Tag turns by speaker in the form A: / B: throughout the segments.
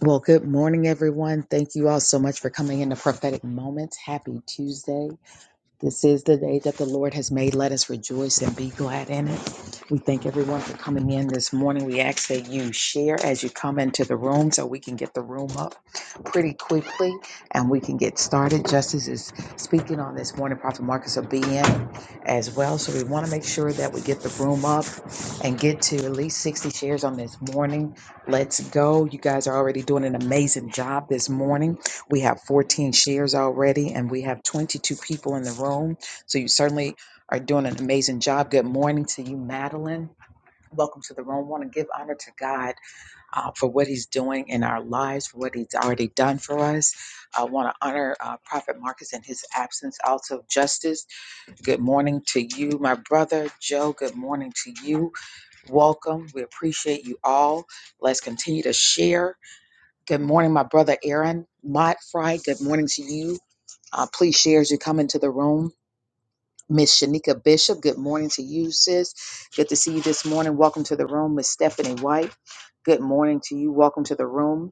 A: Well, good morning, everyone. Thank you all so much for coming into Prophetic Moments. Happy Tuesday. This is the day that the Lord has made. Let us rejoice and be glad in it. We thank everyone for coming in this morning. We ask that you share as you come into the room so we can get the room up pretty quickly and we can get started. Justice is speaking on this morning. Prophet Marcus will be in as well. So we want to make sure that we get the room up and get to at least 60 shares on this morning. Let's go. You guys are already doing an amazing job this morning. We have 14 shares already, and we have 22 people in the room. So you certainly are doing an amazing job. Good morning to you, Madeline. Welcome to the room. want to give honor to God uh, for what He's doing in our lives, for what He's already done for us. I want to honor uh, Prophet Marcus in his absence. Also, Justice, good morning to you, my brother Joe. Good morning to you welcome. We appreciate you all. Let's continue to share. Good morning, my brother Aaron. Mott Fry, good morning to you. Uh, please share as you come into the room. Miss Shanika Bishop, good morning to you, sis. Good to see you this morning. Welcome to the room, Miss Stephanie White. Good morning to you. Welcome to the room.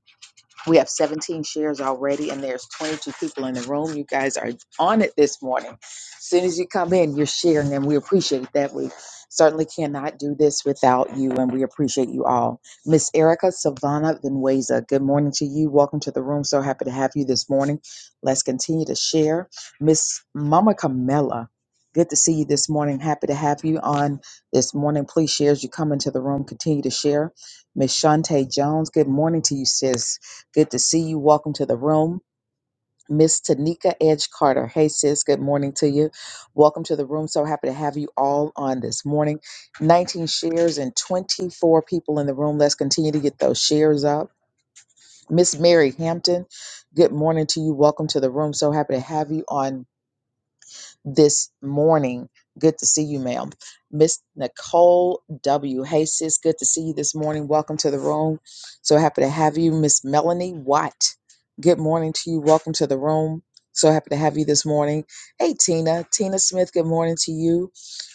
A: We have 17 shares already, and there's 22 people in the room. You guys are on it this morning. As soon as you come in, you're sharing, and we appreciate that. We certainly cannot do this without you, and we appreciate you all. Miss Erica Savannah Venueza, good morning to you. Welcome to the room. So happy to have you this morning. Let's continue to share. Miss Mama Camella, good to see you this morning. Happy to have you on this morning. Please share as you come into the room. Continue to share. Miss Shantae Jones, good morning to you, sis. Good to see you. Welcome to the room. Miss Tanika Edge Carter. Hey, sis. Good morning to you. Welcome to the room. So happy to have you all on this morning. 19 shares and 24 people in the room. Let's continue to get those shares up. Miss Mary Hampton. Good morning to you. Welcome to the room. So happy to have you on this morning. Good to see you, ma'am. Miss Nicole W. Hey, sis, good to see you this morning. Welcome to the room. So happy to have you. Miss Melanie Watt, good morning to you. Welcome to the room. So happy to have you this morning. Hey, Tina. Tina Smith, good morning to you.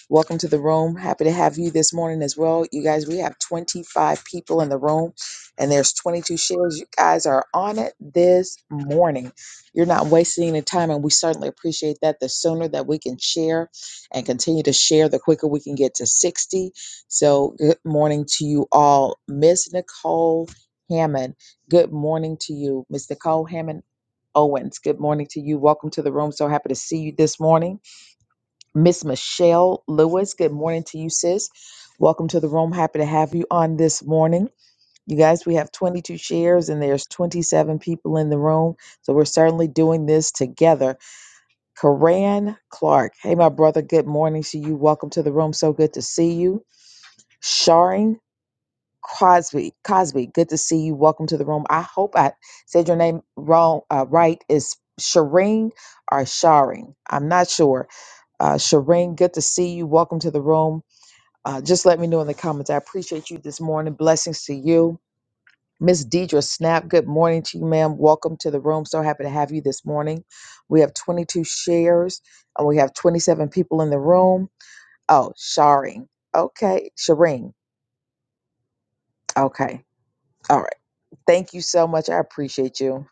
A: Welcome to the room. Happy to have you this morning as well. You guys, we have 25 people in the room and there's 22 shares. You guys are on it this morning. You're not wasting any time, and we certainly appreciate that. The sooner that we can share and continue to share, the quicker we can get to 60. So, good morning to you all. Miss Nicole Hammond, good morning to you. Miss Nicole Hammond Owens, good morning to you. Welcome to the room. So happy to see you this morning. Miss Michelle Lewis, good morning to you, sis. Welcome to the room. Happy to have you on this morning. You guys, we have 22 shares and there's 27 people in the room. So we're certainly doing this together. Karan Clark. Hey, my brother, good morning to you. Welcome to the room. So good to see you. Sharing Cosby. Cosby, good to see you. Welcome to the room. I hope I said your name wrong, uh, right. Is Shireen or Sharing? I'm not sure uh, Shireen, good to see you. Welcome to the room. Uh, just let me know in the comments. I appreciate you this morning. Blessings to you. Miss Deidre Snap, good morning to you, ma'am. Welcome to the room. So happy to have you this morning. We have 22 shares and we have 27 people in the room. Oh, Shireen. Okay. Shireen. Okay. All right. Thank you so much. I appreciate you.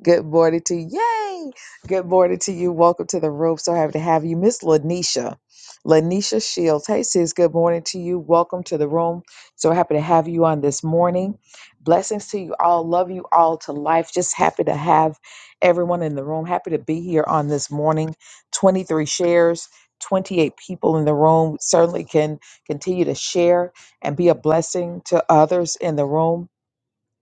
A: Good morning to you. Yay. Good morning to you. Welcome to the room. So happy to have you. Miss Lanisha. Lanisha Shields. Hey, sis. Good morning to you. Welcome to the room. So happy to have you on this morning. Blessings to you all. Love you all to life. Just happy to have everyone in the room. Happy to be here on this morning. 23 shares, 28 people in the room. Certainly can continue to share and be a blessing to others in the room.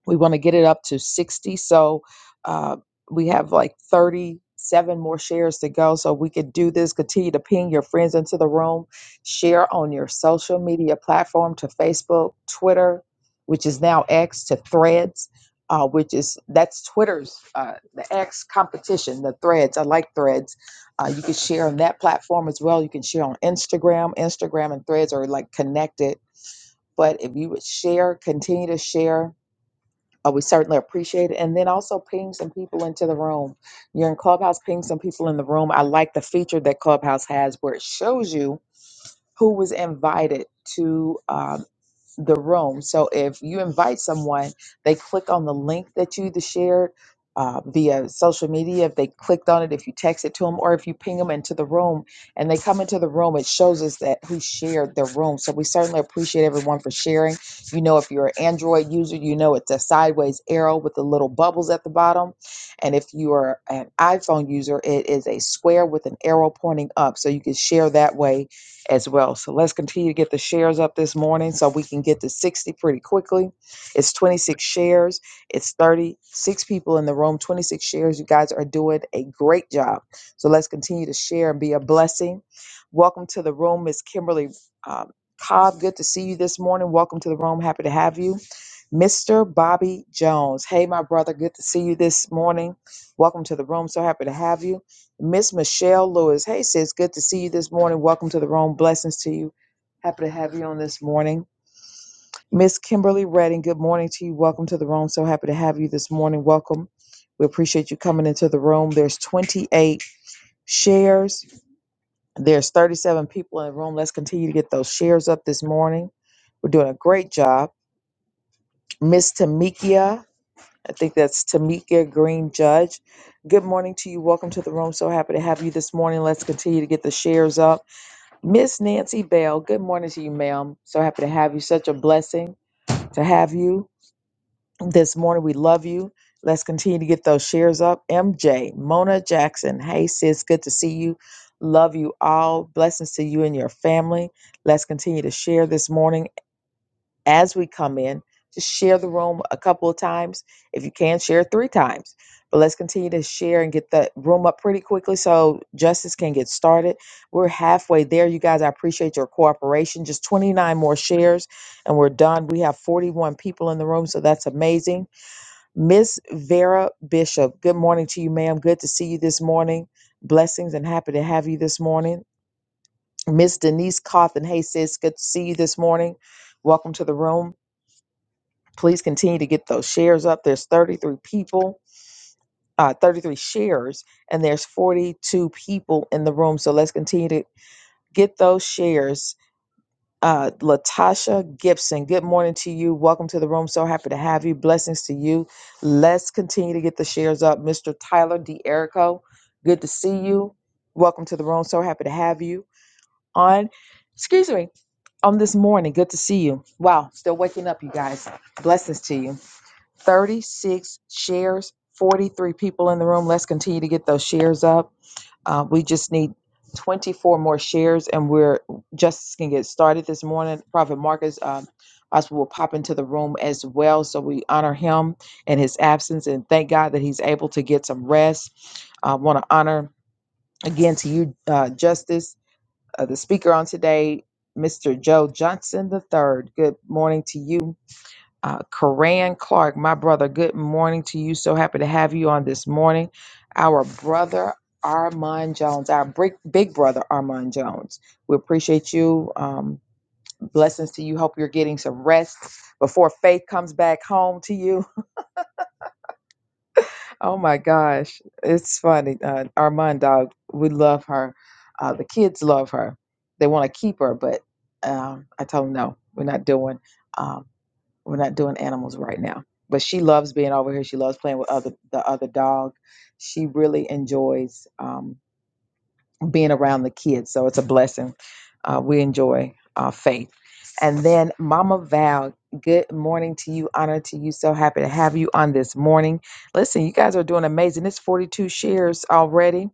A: We want to get it up to 60. So uh, we have like 37 more shares to go. So we can do this. Continue to ping your friends into the room. Share on your social media platform to Facebook, Twitter, which is now X, to Threads. Uh, which is that's Twitter's uh, the X competition, the Threads. I like Threads. Uh, you can share on that platform as well. You can share on Instagram. Instagram and Threads are like connected. But if you would share, continue to share uh, we certainly appreciate it. And then also ping some people into the room. You're in Clubhouse, ping some people in the room. I like the feature that Clubhouse has where it shows you who was invited to uh, the room. So if you invite someone, they click on the link that you either shared uh, via social media. If they clicked on it, if you text it to them, or if you ping them into the room and they come into the room, it shows us that who shared the room. So we certainly appreciate everyone for sharing. You know, if you're an Android user, you know it's a sideways arrow with the little bubbles at the bottom, and if you are an iPhone user, it is a square with an arrow pointing up. So you can share that way as well. So let's continue to get the shares up this morning so we can get to 60 pretty quickly. It's 26 shares, it's 36 people in the room, 26 shares. You guys are doing a great job. So let's continue to share and be a blessing. Welcome to the room, Miss Kimberly um, Cobb. Good to see you this morning. Welcome to the room. Happy to have you. Mr. Bobby Jones. Hey, my brother, good to see you this morning. Welcome to the room. So happy to have you. Miss Michelle Lewis. Hey, sis, good to see you this morning. Welcome to the room. Blessings to you. Happy to have you on this morning. Miss Kimberly Redding, good morning to you. Welcome to the room. So happy to have you this morning. Welcome. We appreciate you coming into the room. There's 28 shares. There's 37 people in the room. Let's continue to get those shares up this morning. We're doing a great job. Miss Tamikia, I think that's Tamikia Green Judge. Good morning to you. Welcome to the room. So happy to have you this morning. Let's continue to get the shares up. Miss Nancy Bell, good morning to you, ma'am. So happy to have you. Such a blessing to have you this morning. We love you. Let's continue to get those shares up. MJ, Mona Jackson, hey sis, good to see you. Love you all. Blessings to you and your family. Let's continue to share this morning as we come in. Just share the room a couple of times. If you can, share three times. But let's continue to share and get the room up pretty quickly so justice can get started. We're halfway there. You guys, I appreciate your cooperation. Just 29 more shares and we're done. We have 41 people in the room, so that's amazing. Miss Vera Bishop, good morning to you, ma'am. Good to see you this morning. Blessings and happy to have you this morning. Miss Denise Cawthon, hey sis, good to see you this morning. Welcome to the room please continue to get those shares up. There's 33 people, uh, 33 shares, and there's 42 people in the room. So let's continue to get those shares. Uh, Latasha Gibson, good morning to you. Welcome to the room. So happy to have you. Blessings to you. Let's continue to get the shares up. Mr. Tyler D. Erico, good to see you. Welcome to the room. So happy to have you on. Excuse me, on this morning. Good to see you. Wow, still waking up, you guys. Blessings to you. 36 shares, 43 people in the room. Let's continue to get those shares up. Uh, we just need 24 more shares, and we're just going to get started this morning. Prophet Marcus um, Oswald will pop into the room as well. So we honor him and his absence, and thank God that he's able to get some rest. I want to honor again to you, uh, Justice, uh, the speaker on today, Mr. Joe Johnson III. Good morning to you uh, Karan Clark, my brother, good morning to you. So happy to have you on this morning. Our brother Armand Jones, our big, big brother Armand Jones. We appreciate you. Um, blessings to you. Hope you're getting some rest before faith comes back home to you. Oh my gosh, it's funny. Uh, Armand dog, we love her. Uh, the kids love her. They want to keep her, but um, I told them no, we're not doing. Um, we're not doing animals right now. But she loves being over here. She loves playing with other the other dog. She really enjoys. um, being around the kids. So it's a blessing. Uh, we enjoy uh, faith. And then Mama Val, good morning to you. Honor to you. So happy to have you on this morning. Listen, you guys are doing amazing. It's 42 shares already.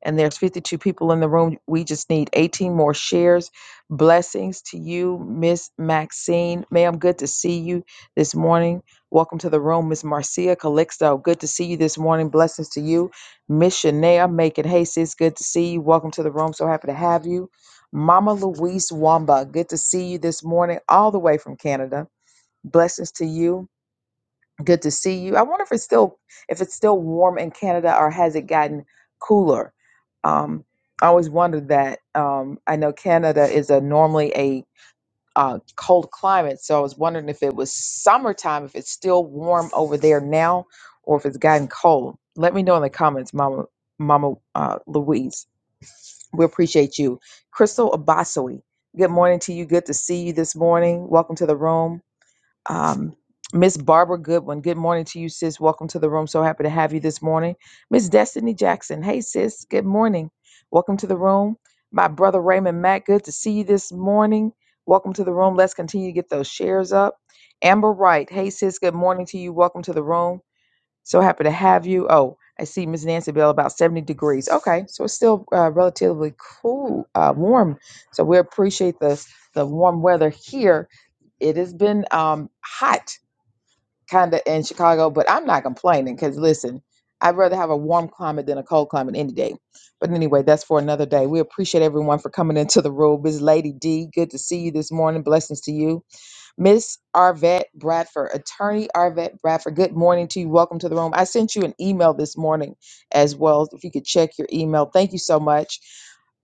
A: And there's 52 people in the room. We just need 18 more shares. Blessings to you, Miss Maxine. Ma'am, good to see you this morning. Welcome to the room, Miss Marcia Calixto. Good to see you this morning. Blessings to you. Miss Shania making hey sis, good to see you. Welcome to the room. So happy to have you. Mama Louise Wamba, good to see you this morning, all the way from Canada. Blessings to you. Good to see you. I wonder if it's still if it's still warm in Canada or has it gotten cooler? Um, I always wondered that. Um, I know Canada is a normally uh, cold climate. So I was wondering if it was summertime, if it's still warm over there now, or if it's gotten cold. Let me know in the comments, Mama Mama uh, Louise. We appreciate you, Crystal Abasoy. Good morning to you. Good to see you this morning. Welcome to the room um, Miss Barbara Goodwin. Good morning to you, sis. Welcome to the room. So happy to have you this morning. Miss Destiny Jackson. Hey, sis. Good morning. Welcome to the room. My brother Raymond Matt. Good to see you this morning. Welcome to the room. Let's continue to get those shares up. Amber Wright. Hey, sis. Good morning to you. Welcome to the room. So happy to have you. Oh, I see Miss Nancy Bell about 70 degrees. Okay, so it's still uh, relatively cool, uh, warm. So we appreciate the the warm weather here it has been um, hot kind of in Chicago, but I'm not complaining because listen, I'd rather have a warm climate than a cold climate any day. But anyway, that's for another day. We appreciate everyone for coming into the room. Ms. Lady D, good to see you this morning. Blessings to you. Miss Arvette Bradford, attorney Arvette Bradford, good morning to you. Welcome to the room. I sent you an email this morning as well. If you could check your email, thank you so much.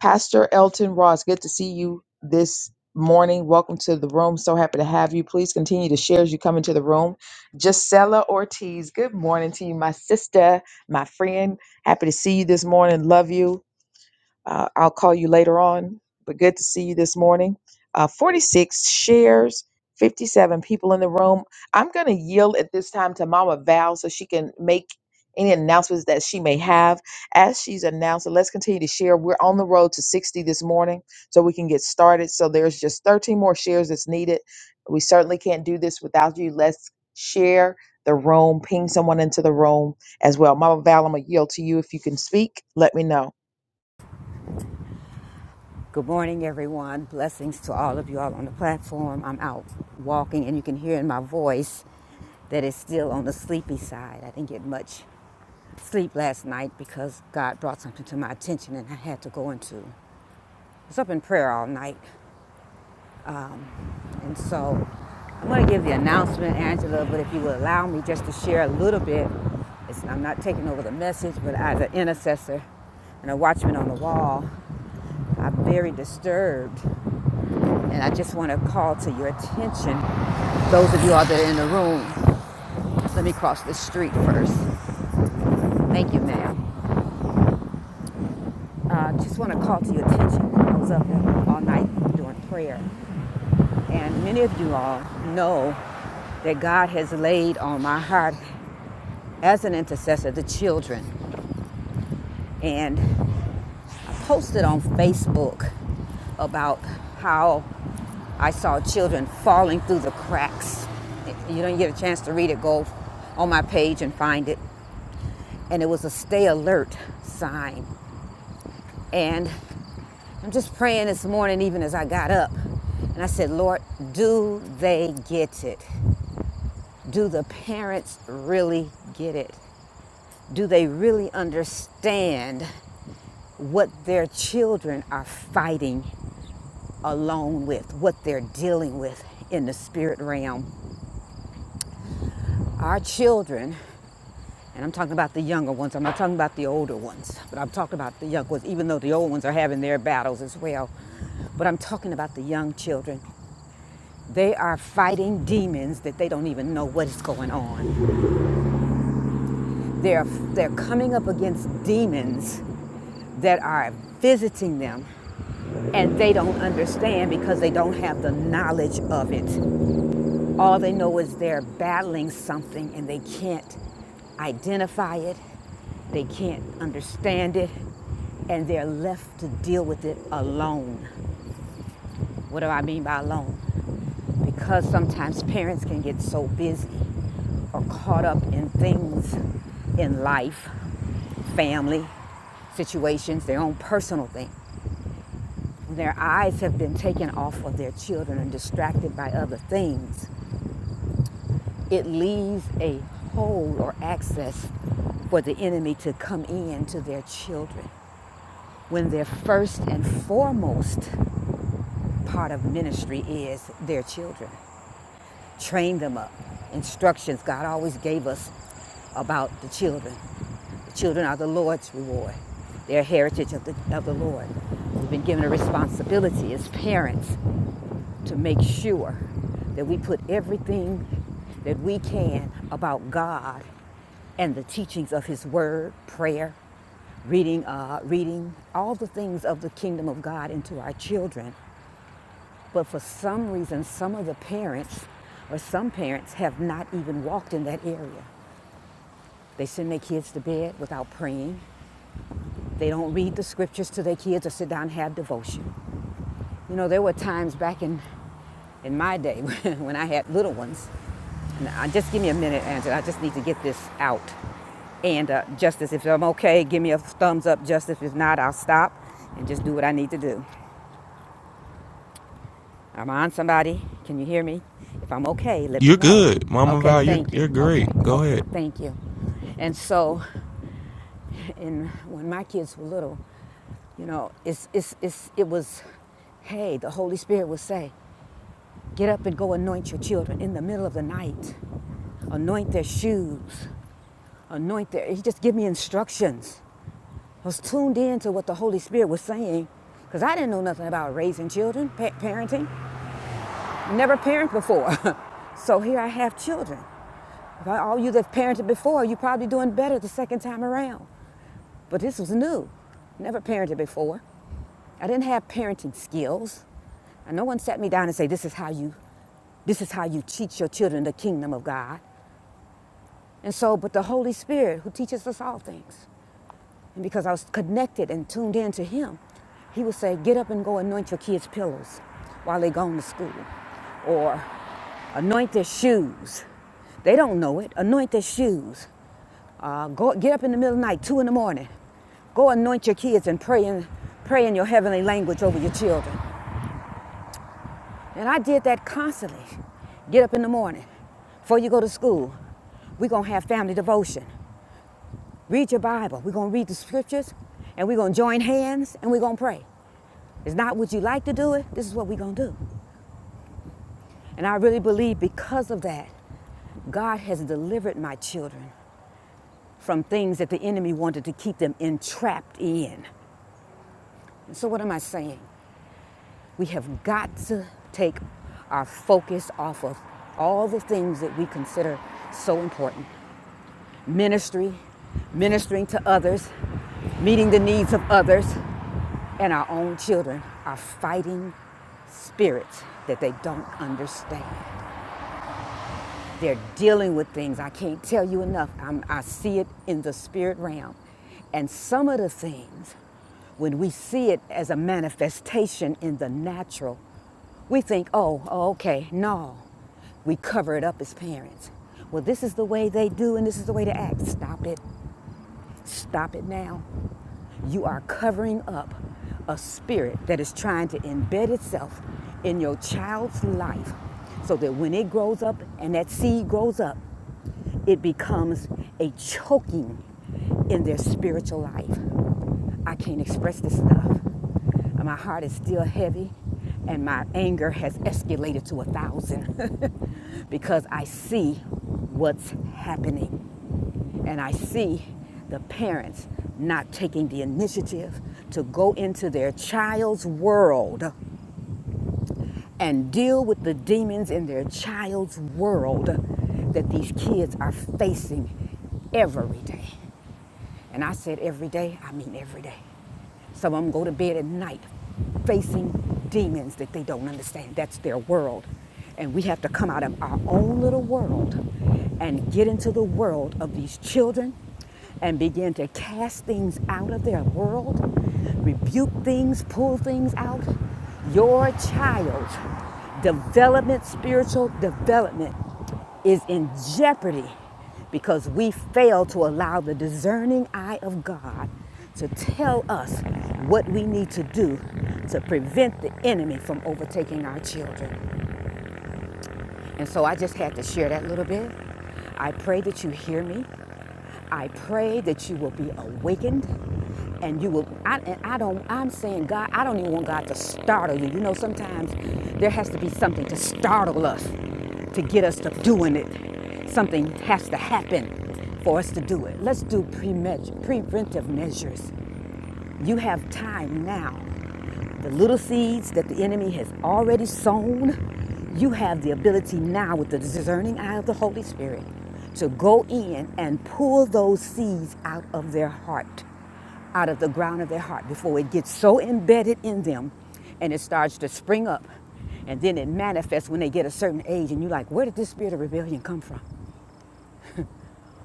A: Pastor Elton Ross, good to see you this morning. Welcome to the room. So happy to have you. Please continue to share as you come into the room. Gisela Ortiz, good morning to you, my sister, my friend. Happy to see you this morning. Love you. Uh, I'll call you later on, but good to see you this morning. Uh, 46 shares, 57 people in the room. I'm going to yield at this time to Mama Val so she can make any announcements that she may have. As she's announced, let's continue to share. We're on the road to 60 this morning so we can get started. So there's just 13 more shares that's needed. We certainly can't do this without you. Let's share the room, ping someone into the room as well. Mama Val, I'm going to yield to you. If you can speak, let me know.
B: Good morning, everyone. Blessings to all of you all on the platform. I'm out walking, and you can hear in my voice that it's still on the sleepy side. I didn't get much sleep last night because God brought something to my attention and I had to go into. I was up in prayer all night. And so I'm going to give the announcement, Angela, but if you will allow me just to share a little bit. It's, I'm not taking over the message, but as an intercessor and a watchman on the wall, I'm very disturbed And I just want to call to your attention, those of you all that are in the room, let me cross the street first. Thank you, ma'am. Uh, just want to call to your attention. I was up all night doing prayer. And many of you all know that God has laid on my heart as an intercessor the children. And posted on Facebook about how I saw children falling through the cracks. If you don't get a chance to read it, go on my page and find it. And it was a stay alert sign. And I'm just praying this morning, even as I got up. And I said, Lord, do they get it? Do the parents really get it? Do they really understand what their children are fighting alone with what they're dealing with in the spirit realm. Our children, and I'm talking about the younger ones, I'm not talking about the older ones, but I'm talking about the young ones, even though the old ones are having their battles as well. But I'm talking about the young children. They are fighting demons that they don't even know what is going on. They're, they're coming up against demons that are visiting them and they don't understand because they don't have the knowledge of it. All they know is they're battling something and they can't identify it, they can't understand it, and they're left to deal with it alone. What do I mean by alone? Because sometimes parents can get so busy or caught up in things in life, family, situations, their own personal thing. Their eyes have been taken off of their children and distracted by other things. it leaves a hole or access for the enemy to come in to their children when their first and foremost part of ministry is their children. Train them up. Instructions God always gave us about the children. The children are the Lord's reward, They their heritage of the, of the Lord. We've been given a responsibility as parents to make sure that we put everything that we can about God and the teachings of His Word, prayer, reading, uh, reading all the things of the kingdom of God into our children. But for some reason, some of the parents or some parents have not even walked in that area. They send their kids to bed without praying. They don't read the scriptures to their kids or sit down and have devotion. You know, there were times back in in my day when I had little ones. Now, just give me a minute, Angela. I just need to get this out. And uh, Justice, if I'm okay, give me a thumbs up. Justice, if not, I'll stop and just do what I need to do. I'm on somebody. Can you hear me? If I'm okay, let me
C: You're
B: know.
C: good, Mama
B: Okay,
C: Val. You're
B: thank you.
C: you're
B: Okay,
C: great. Go
B: okay,
C: ahead.
B: thank you. And so, and when my kids were little, you know, it's, it's, it's, it was, hey, the Holy Spirit would say, get up and go anoint your children in the middle of the night. anoint their shoes, anoint their. He just gave me instructions. I was tuned in to what the Holy Spirit was saying because I didn't know nothing about raising children, pa- parenting. Never parented before. so here I have children. If all you that parented before, you're probably doing better the second time around. But this was new. Never parented before. I didn't have parenting skills. And no one sat me down and said, This is how you this is how you teach your children the kingdom of God. And so, but the Holy Spirit who teaches us all things. And because I was connected and tuned in to him, he would say, Get up and go anoint your kids' pillows while they're going to school. Or anoint their shoes. They don't know it. Anoint their shoes. Uh, go, get up in the middle of the night, two in the morning. Go anoint your kids and pray in, pray in your heavenly language over your children. And I did that constantly. Get up in the morning. Before you go to school, we're going to have family devotion. Read your Bible. We're going to read the scriptures and we're going to join hands and we're going to pray. It's not what you like to do it, this is what we're going to do. And I really believe because of that, God has delivered my children from things that the enemy wanted to keep them entrapped in. And so, what am I saying? We have got to take our focus off of all the things that we consider so important ministry, ministering to others, meeting the needs of others, and our own children are fighting spirits that they don't understand. They're dealing with things. I can't tell you enough. I'm, I see it in the spirit realm. And some of the things, when we see it as a manifestation in the natural, we think, oh, oh, okay, no. We cover it up as parents. Well, this is the way they do and this is the way to act. Stop it. Stop it now. You are covering up a spirit that is trying to embed itself in your child's life so that when it grows up and that seed grows up, it becomes a choking in their spiritual life. I can't express this enough. My heart is still heavy and my anger has escalated to a thousand because I see what's happening and I see the parents not taking the initiative to go into their child's world and deal with the demons in their child's world that these kids are facing every day. And I said every day, I mean every day. Some of them go to bed at night facing demons that they don't understand. That's their world. And we have to come out of our own little world and get into the world of these children and begin to cast things out of their world, rebuke things, pull things out. Your child's development, spiritual development is in jeopardy because we fail to allow the discerning eye of God to tell us what we need to do to prevent the enemy from overtaking our children. And so I just had to share that little bit. I pray that you hear me. I pray that you will be awakened and you will I, and I don't I'm saying God, I don't even want God to startle you. You know sometimes there has to be something to startle us to get us to doing it. Something has to happen for us to do it. Let's do pre- preventive measures. You have time now. The little seeds that the enemy has already sown, you have the ability now with the discerning eye of the Holy Spirit to go in and pull those seeds out of their heart, out of the ground of their heart before it gets so embedded in them and it starts to spring up. And then it manifests when they get a certain age, and you're like, where did this spirit of rebellion come from?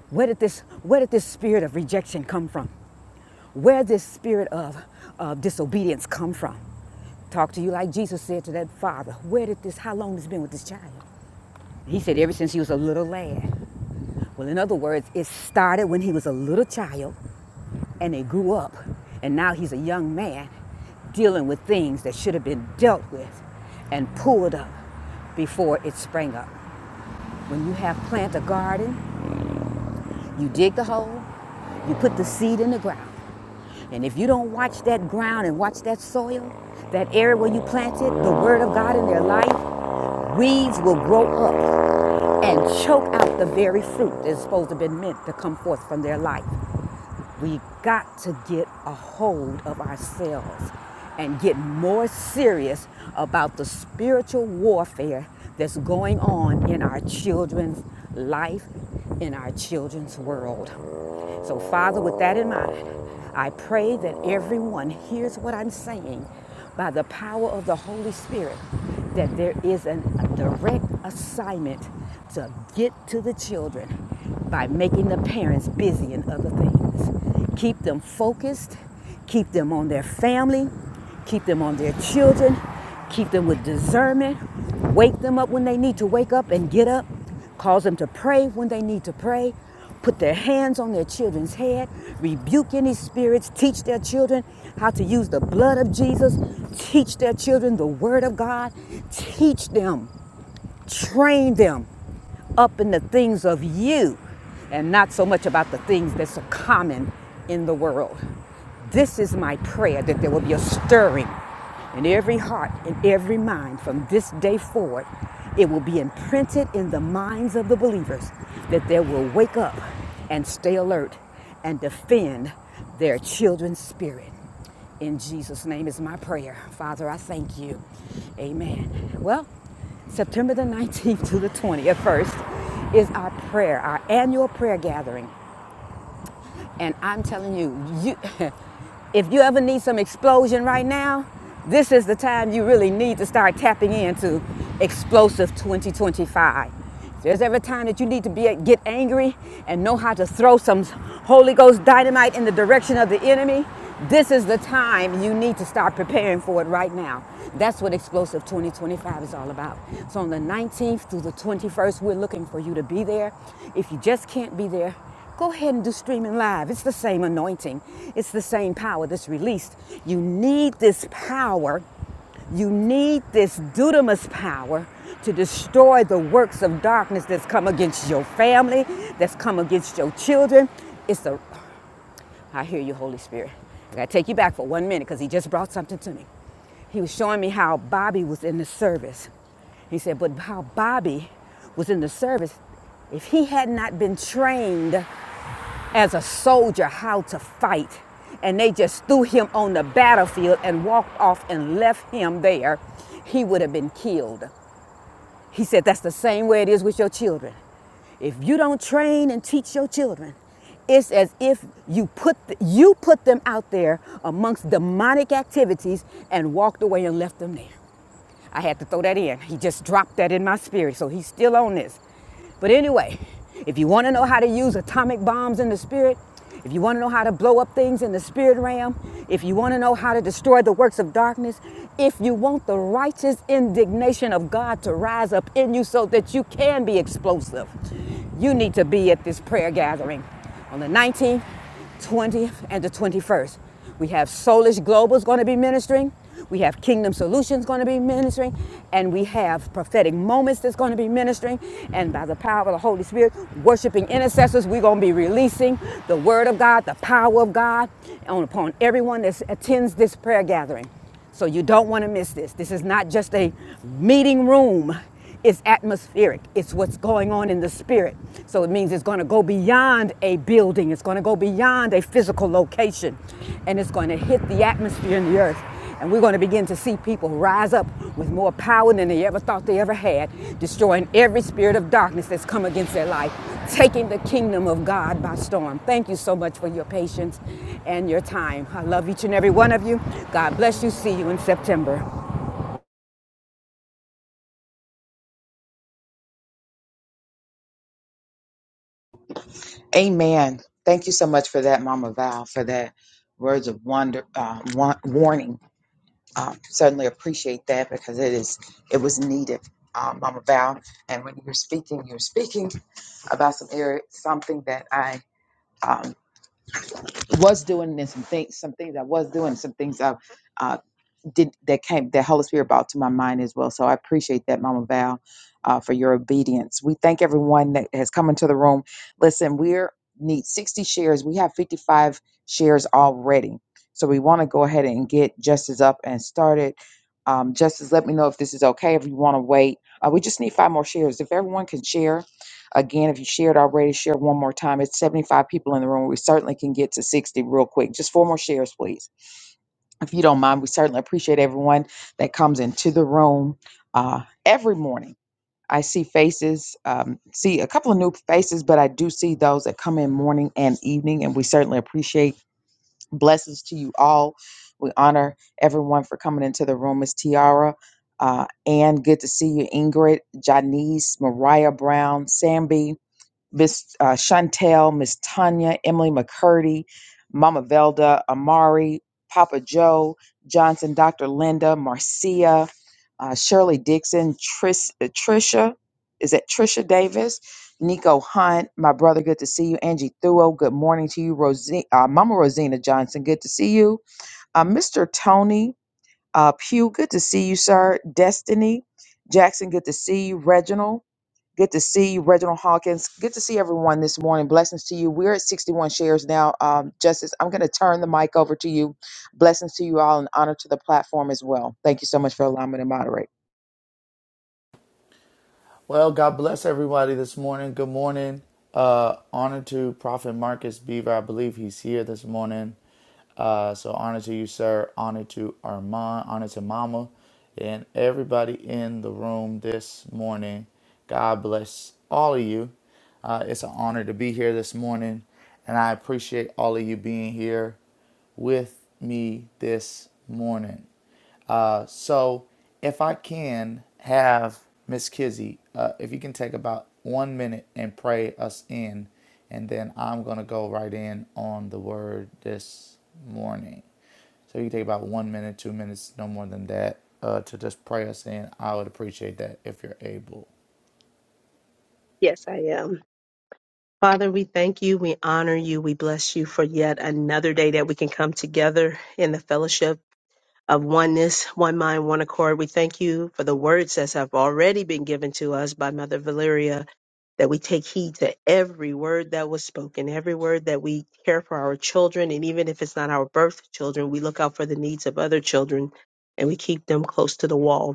B: Where did this, where did this spirit of rejection come from? Where did this spirit of, of disobedience come from? Talk to you like Jesus said to that father. Where did this, how long has it been with this child? He said ever since he was a little lad. Well, in other words, it started when he was a little child and they grew up. And now he's a young man dealing with things that should have been dealt with and pulled up before it sprang up. When you have plant a garden You dig the hole, you put the seed in the ground. And if you don't watch that ground and watch that soil, that area where you planted the word of God in their life, weeds will grow up and choke out the very fruit that's supposed to have been meant to come forth from their life. We've got to get a hold of ourselves and get more serious about the spiritual warfare that's going on in our children's life, in our children's world. So, Father, with that in mind, I pray that everyone hears what I'm saying by the power of the Holy Spirit that there is an, a direct assignment to get to the children by making the parents busy in other things. Keep them focused, keep them on their family, keep them on their children, keep them with discernment, wake them up when they need to wake up and get up cause them to pray when they need to pray, put their hands on their children's head, rebuke any spirits, teach their children how to use the blood of Jesus, teach their children the word of God, teach them train them up in the things of you and not so much about the things that's so common in the world. This is my prayer that there will be a stirring in every heart and every mind from this day forward. It will be imprinted in the minds of the believers that they will wake up and stay alert and defend their children's spirit. In Jesus' name is my prayer. Father, I thank you. Amen. Well, September the 19th to the 20th, first, is our prayer, our annual prayer gathering. And I'm telling you, you if you ever need some explosion right now, this is the time you really need to start tapping into explosive 2025. If There's every time that you need to be get angry and know how to throw some Holy Ghost dynamite in the direction of the enemy. This is the time you need to start preparing for it right now. That's what Explosive 2025 is all about. So on the 19th through the 21st, we're looking for you to be there. If you just can't be there, Go ahead and do streaming live. It's the same anointing, it's the same power that's released. You need this power. You need this dudamus power to destroy the works of darkness that's come against your family, that's come against your children. It's a. I hear you, Holy Spirit. I gotta take you back for one minute because he just brought something to me. He was showing me how Bobby was in the service. He said, but how Bobby was in the service, if he had not been trained as a soldier how to fight. And they just threw him on the battlefield and walked off and left him there, he would have been killed. He said, That's the same way it is with your children. If you don't train and teach your children, it's as if you put, you put them out there amongst demonic activities and walked away and left them there. I had to throw that in. He just dropped that in my spirit, so he's still on this. But anyway, if you want to know how to use atomic bombs in the spirit, if you want to know how to blow up things in the spirit realm, if you want to know how to destroy the works of darkness, if you want the righteous indignation of God to rise up in you so that you can be explosive, you need to be at this prayer gathering on the 19th 20th and the 21st. We have Soulish Global's going to be ministering. We have Kingdom Solutions going to be ministering. And we have Prophetic Moments that's going to be ministering. And by the power of the Holy Spirit, worshiping intercessors, we're going to be releasing the Word of God, the power of God on, upon everyone that attends this prayer gathering. So you don't want to miss this. This is not just a meeting room. It's atmospheric. It's what's going on in the spirit. So it means it's going to go beyond a building. It's going to go beyond a physical location. And it's going to hit the atmosphere in the earth. And we're going to begin to see people rise up with more power than they ever thought they ever had, destroying every spirit of darkness that's come against their life, taking the kingdom of God by storm. Thank you so much for your patience and your time. I love each and every one of you. God bless you. See you in September.
A: Amen. Thank you so much for that, Mama Val, for that words of wonder uh, wa- warning. Um, certainly appreciate that because it is it was needed, um, Mama Val. And when you're speaking, you're speaking about some area, something that I um, was doing, and some things, some things I was doing, some things I did that came that Holy Spirit brought to my mind as well. So I appreciate that, Mama Val, uh, for your obedience. We thank everyone that has come into the room. Listen, we need 60 shares. We have 55 shares already. So we want to go ahead and get Justice up and started. Um, Justice, let me know if this is okay. If you want to wait, uh, we just need five more shares. If everyone can share, again, if you shared already, share one more time. It's 75 people in the room. We certainly can get to 60 real quick. Just four more shares, please if you don't mind, we certainly appreciate everyone that comes into the room uh, every morning. I see faces, um, see a couple of new faces, but I do see those that come in morning and evening, and we certainly appreciate blessings to you all. We honor everyone for coming into the room. Miss Tiara, uh, and good to see you, Ingrid, Janice, Mariah Brown, Sambi. Miss uh, Chantel, Miss Tanya, Emily McCurdy, Mama Velda, Amari, Papa Joe, Johnson, Dr. Linda, Marcia, uh, Shirley Dixon, Tris, uh, Trisha, is that Trisha Davis? Nico Hunt, my brother, good to see you. Angie Thuo, good morning to you. Rosina, uh, Mama Rosina Johnson, good to see you. Uh, Mr. Tony uh, Pugh, good to see you, sir. Destiny Jackson, good to see you. Reginald, Good to see you, Reginald Hawkins. Good to see everyone this morning. Blessings to you. We're at 61 shares now. Um, Justice, I'm going to turn the mic over to you. Blessings to you all and honor to the platform as well. Thank you so much for allowing me to moderate.
D: Well, God bless everybody this morning. Good morning. Uh, honor to Prophet Marcus Beaver. I believe he's here this morning. Uh, so honor to you, sir. Honor to Armand. Honor to Mama, and everybody in the room this morning. God bless all of you. Uh, it's an honor to be here this morning, and I appreciate all of you being here with me this morning. Uh, So if I can have Miss Kizzy, uh, if you can take about one minute and pray us in, and then I'm going to go right in on the word this morning. So you can take about one minute, two minutes, no more than that, uh, to just pray us in. I would appreciate that if you're able.
E: Yes, I am. Father, we thank you. We honor you. We bless you for yet another day that we can come together in the fellowship of oneness, one mind, one accord. We thank you for the words that have already been given to us by Mother Valeria, that we take heed to every word that was spoken, every word that we care for our children. And even if it's not our birth children, we look out for the needs of other children and we keep them close to the wall.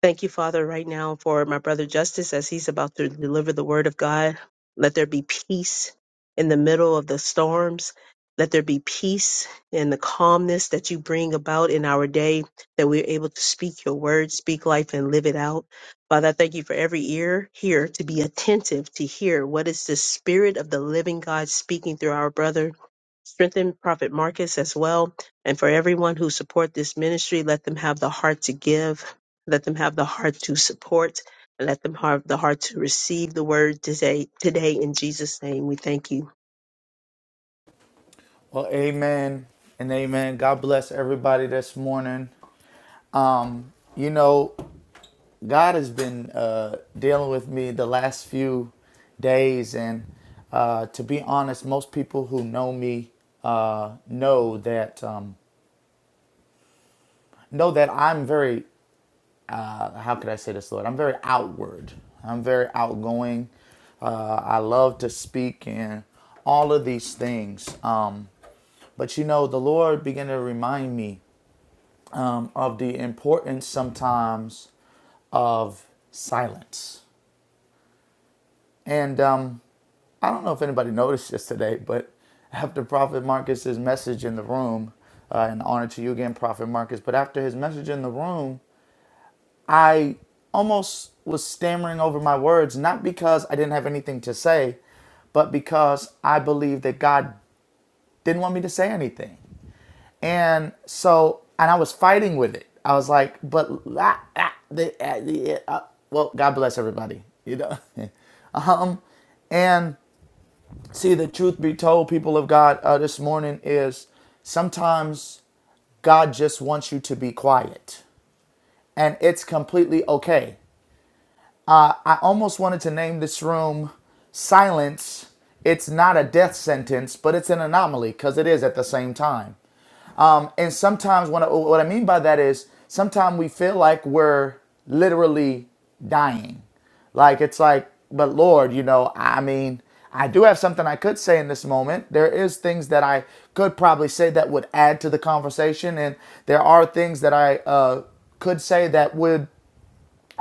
E: Thank you, Father, right now for my brother Justice as he's about to deliver the word of God. Let there be peace in the middle of the storms. Let there be peace in the calmness that you bring about in our day, that we're able to speak your word, speak life, and live it out. Father, I thank you for every ear here to be attentive to hear what is the spirit of the living God speaking through our brother. Strengthen Prophet Marcus as well. And for everyone who support this ministry, let them have the heart to give let them have the heart to support and let them have the heart to receive the word today. Today, in Jesus' name, we thank you.
D: Well, amen and amen. God bless everybody this morning. You know, God has been uh, dealing with me the last few days, and uh, to be honest, most people who know me uh, know that um, know that I'm very uh, how could I say this, Lord? I'm very outward. I'm very outgoing. Uh, I love to speak and all of these things. Um, but you know, the Lord began to remind me um, of the importance sometimes of silence. And um, I don't know if anybody noticed this today, but after Prophet Marcus's message in the room, uh, and honor to you again, Prophet Marcus, but after his message in the room, I almost was stammering over my words, not because I didn't have anything to say, but because I believed that God didn't want me to say anything. And so, and I was fighting with it. I was like, but, la ah, the, ah, the, ah, well, God bless everybody, you know? um, and See, the truth be told, people of God, uh, this morning is sometimes God just wants you to be quiet, and it's completely okay. I I almost wanted to name this room Silence. It's not a death sentence, but it's an anomaly because it is at the same time. and sometimes what I, what I mean by that is sometimes we feel like we're literally dying. Like it's like, but Lord, you know, I mean, I do have something I could say in this moment. There is things that I could probably say that would add to the conversation, and there are things that I uh, could say that would,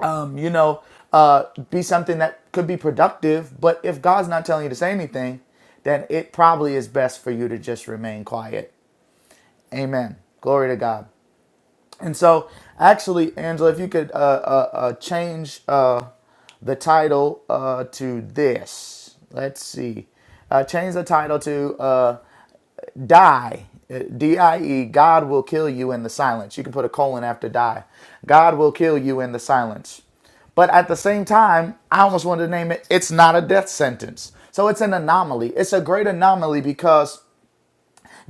D: um, you know, uh, be something that could be productive. But if God's not telling you to say anything, then it probably is best for you to just remain quiet. Amen. Glory to God. And so, actually, Angela, if you could uh, uh, uh, change uh, the title uh, to this. Let's see. Uh, change the title to uh, Die. Uh, D-I-E, God will kill you in the silence. You can put a colon after die. God will kill you in the silence. But at the same time, I almost wanted to name it, it's not a death sentence. So it's an anomaly. It's a great anomaly because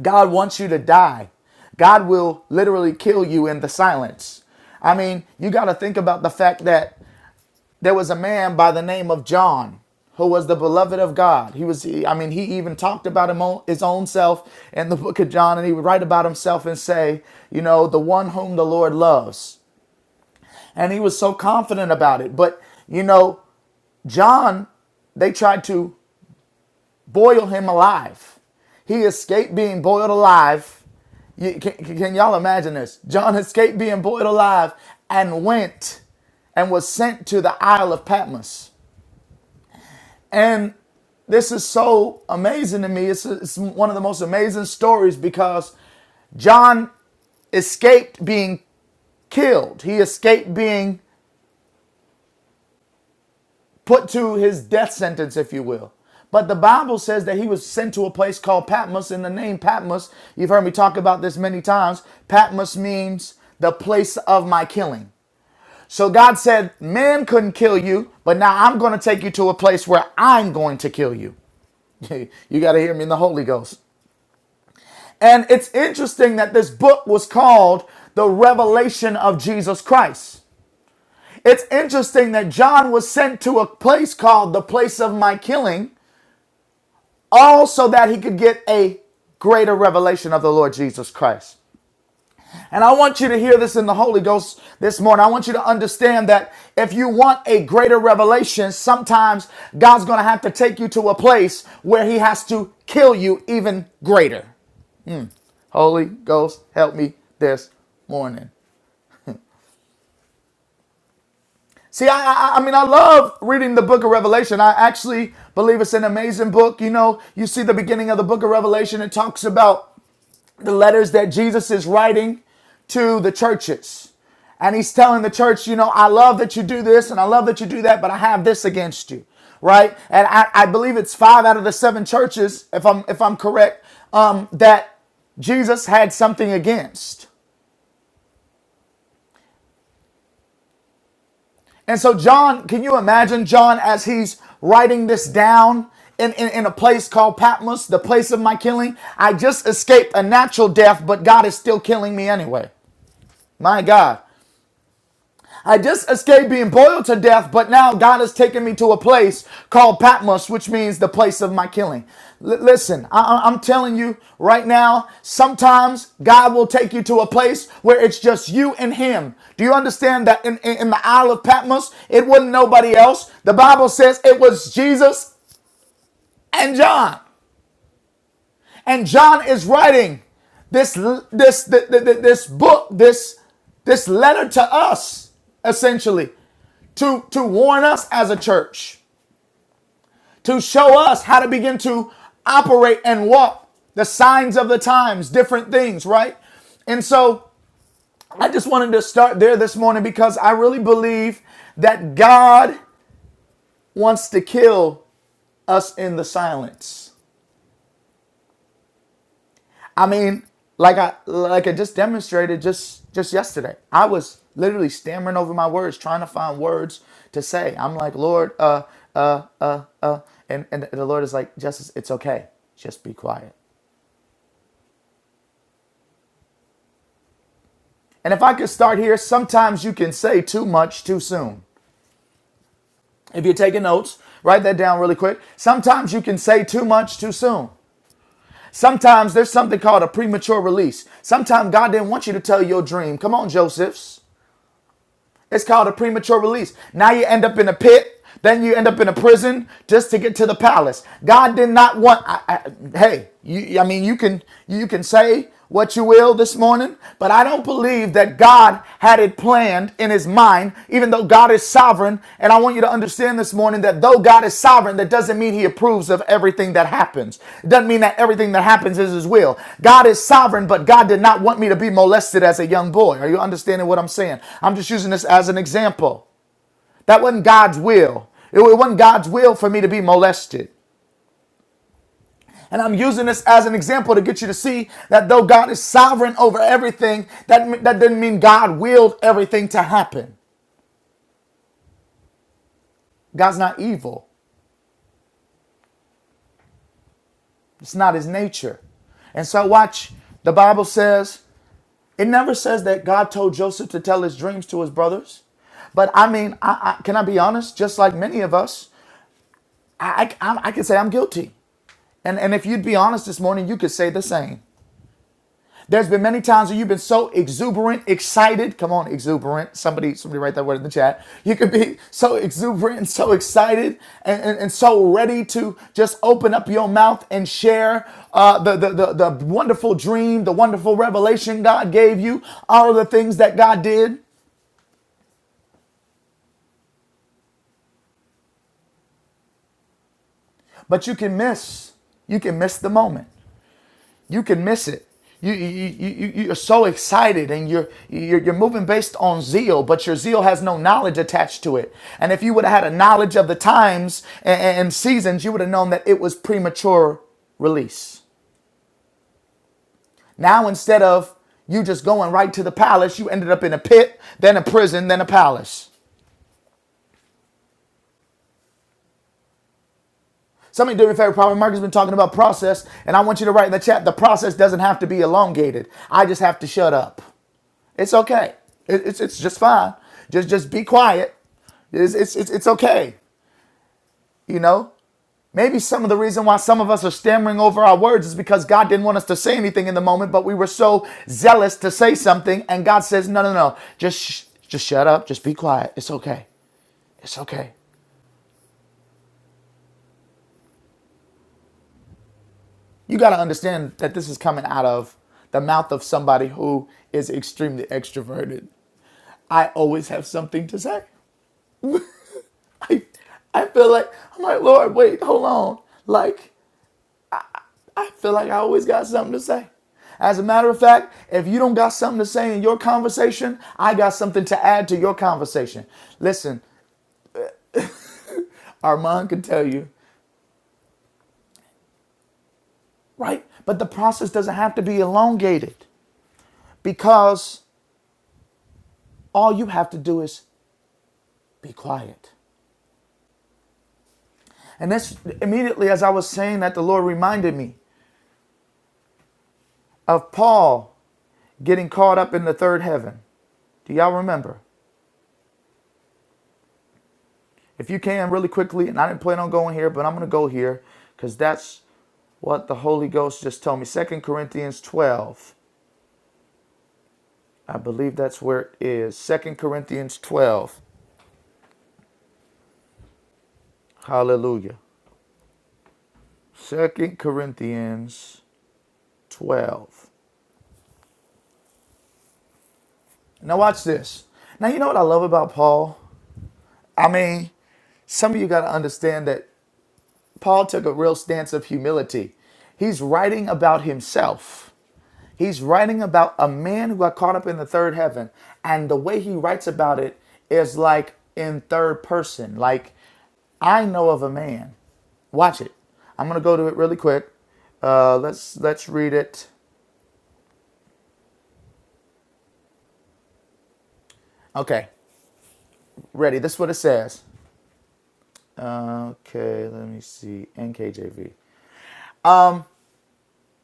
D: God wants you to die. God will literally kill you in the silence. I mean, you got to think about the fact that there was a man by the name of John who was the beloved of God. He was, I mean, he even talked about him own, his own self in the book of John, and he would write about himself and say, you know, the one whom the Lord loves. And he was so confident about it. But, you know, John, they tried to boil him alive. He escaped being boiled alive You, can, can y'all imagine this? John escaped being boiled alive and went and was sent to the Isle of Patmos. And this is so amazing to me. It's, it's one of the most amazing stories because John escaped being killed, he escaped being put to his death sentence, if you will. But the Bible says that he was sent to a place called Patmos, and the name Patmos, you've heard me talk about this many times. Patmos means the place of my killing. So God said, Man couldn't kill you, but now I'm going to take you to a place where I'm going to kill you. you got to hear me in the Holy Ghost. And it's interesting that this book was called The Revelation of Jesus Christ. It's interesting that John was sent to a place called the place of my killing, all so that he could get a greater revelation of the Lord Jesus Christ. And I want you to hear this in the Holy Ghost this morning. I want you to understand that if you want a greater revelation, sometimes God's going to have to take you to a place where He has to kill you even greater. Holy Ghost, help me this morning. See, I, I, I mean, I love reading the book of Revelation. I actually believe it's an amazing book. You know, you see the beginning of the book of Revelation, it talks about the letters that Jesus is writing to the churches. And he's telling the church, you know, I love that you do this and I love that you do that, but I have this against you, right? And I, I believe it's five out of the seven churches, if I'm if I'm correct, um, that Jesus had something against. And so John, can you imagine John as he's writing this down in, in, in a place called Patmos, the place of my killing? I just escaped a natural death, but God is still killing me anyway. My God. I just escaped being boiled to death, but now God has taken me to a place called Patmos, which means the place of my killing. L- listen, I- I- am telling you right now, sometimes God will take you to a place where it's just you and Him. Do you understand that in, in, in the Isle of Patmos, it wasn't nobody else? The Bible says it was Jesus and John. And John is writing this this th- this book, this this letter to us essentially to to warn us as a church, to show us how to begin to operate and walk the signs of the times, different things, right? And so I just wanted to start there this morning because I really believe that God wants to kill us in the silence. I mean, like I like I just demonstrated just just yesterday. I was literally stammering over my words, trying to find words to say. I'm like, Lord, uh, uh, uh, uh, and and the Lord is like, Justice, it's okay. Just be quiet. And if I could start here, sometimes you can say too much too soon. If you're taking notes, write that down really quick. Sometimes you can say too much too soon. Sometimes there's something called a premature release. Sometimes God didn't want you to tell your dream. Come on, Josephs. It's called a premature release. Now you end up in a pit, then you end up in a prison just to get to the palace. God did not want. I, I, hey, you, I mean, you can you can say what you will this morning, but I don't believe that God had it planned in His mind even though God is sovereign. And I want you to understand this morning that though God is sovereign, that doesn't mean he approves of everything that happens. It doesn't mean that everything that happens is his will. God is sovereign, but God did not want me to be molested as a young boy. Are you understanding what I'm saying? I'm just using this as an example. That wasn't God's will. It wasn't God's will for me to be molested. And I'm using this as an example to get you to see that though God is sovereign over everything, that, that doesn't mean God willed everything to happen. God's not evil. It's not his nature. And so watch, the Bible says, it never says that God told Joseph to tell his dreams to his brothers. But I mean, I, I, can I be honest? Just like many of us, I, I, I I can say I'm guilty. And, and if you'd be honest this morning, you could say the same. There's been many times where you've been so exuberant, excited. Come on, exuberant. Somebody, somebody write that word in the chat. You could be so exuberant and so excited and, and, and so ready to just open up your mouth and share uh, the, the, the, the wonderful dream, the wonderful revelation God gave you, all of the things that God did. But you can miss, you can miss the moment. you can miss it. You, you, you, you- are so excited and you're, you're, you're moving based on zeal, but your zeal has no knowledge attached to it. And if you would have had a knowledge of the times and, and seasons, you would have known that it was premature release. Now, instead of you just going right to the palace, you ended up in a pit, then a prison, then a palace. Somebody do me a favor. Prophet Mark has been talking about process, and I want you to write in the chat the process doesn't have to be elongated. I just have to shut up. It's okay. It, it's it's just fine. Just just be quiet. It's, it's it's it's okay. You know. Maybe some of the reason why some of us are stammering over our words is because God didn't want us to say anything in the moment, but we were so zealous to say something, and God says, "No, no, no. Just sh- just shut up. Just be quiet. It's okay. It's okay." You got to understand that this is coming out of the mouth of somebody who is extremely extroverted. I always have something to say. I, I feel like I'm like Lord. Wait, hold on. Like I feel like I always got something to say. As a matter of fact, if you don't got something to say in your conversation, I got something to add to your conversation. Listen, Armand can tell you, right? But the process doesn't have to be elongated because all you have to do is be quiet. And that's immediately as I was saying that, the Lord reminded me of Paul getting caught up in the third heaven. Do y'all remember? If you can, really quickly, and I didn't plan on going here, but I'm going to go here because that's what the Holy Ghost just told me. Second Corinthians 12. I believe that's where it is. is. Second Corinthians 12. Hallelujah. Second Corinthians 12. Now, watch this. Now, you know what I love about Paul? I mean, some of you got to understand that Paul took a real stance of humility. He's writing about himself. He's writing about a man who got caught up in the third heaven. And the way he writes about it is like in third person. Like, I know of a man. Watch it. I'm gonna go to it really quick. Uh, let's let's read it. Okay, ready. This is what it says. Okay, let me see. NKJV.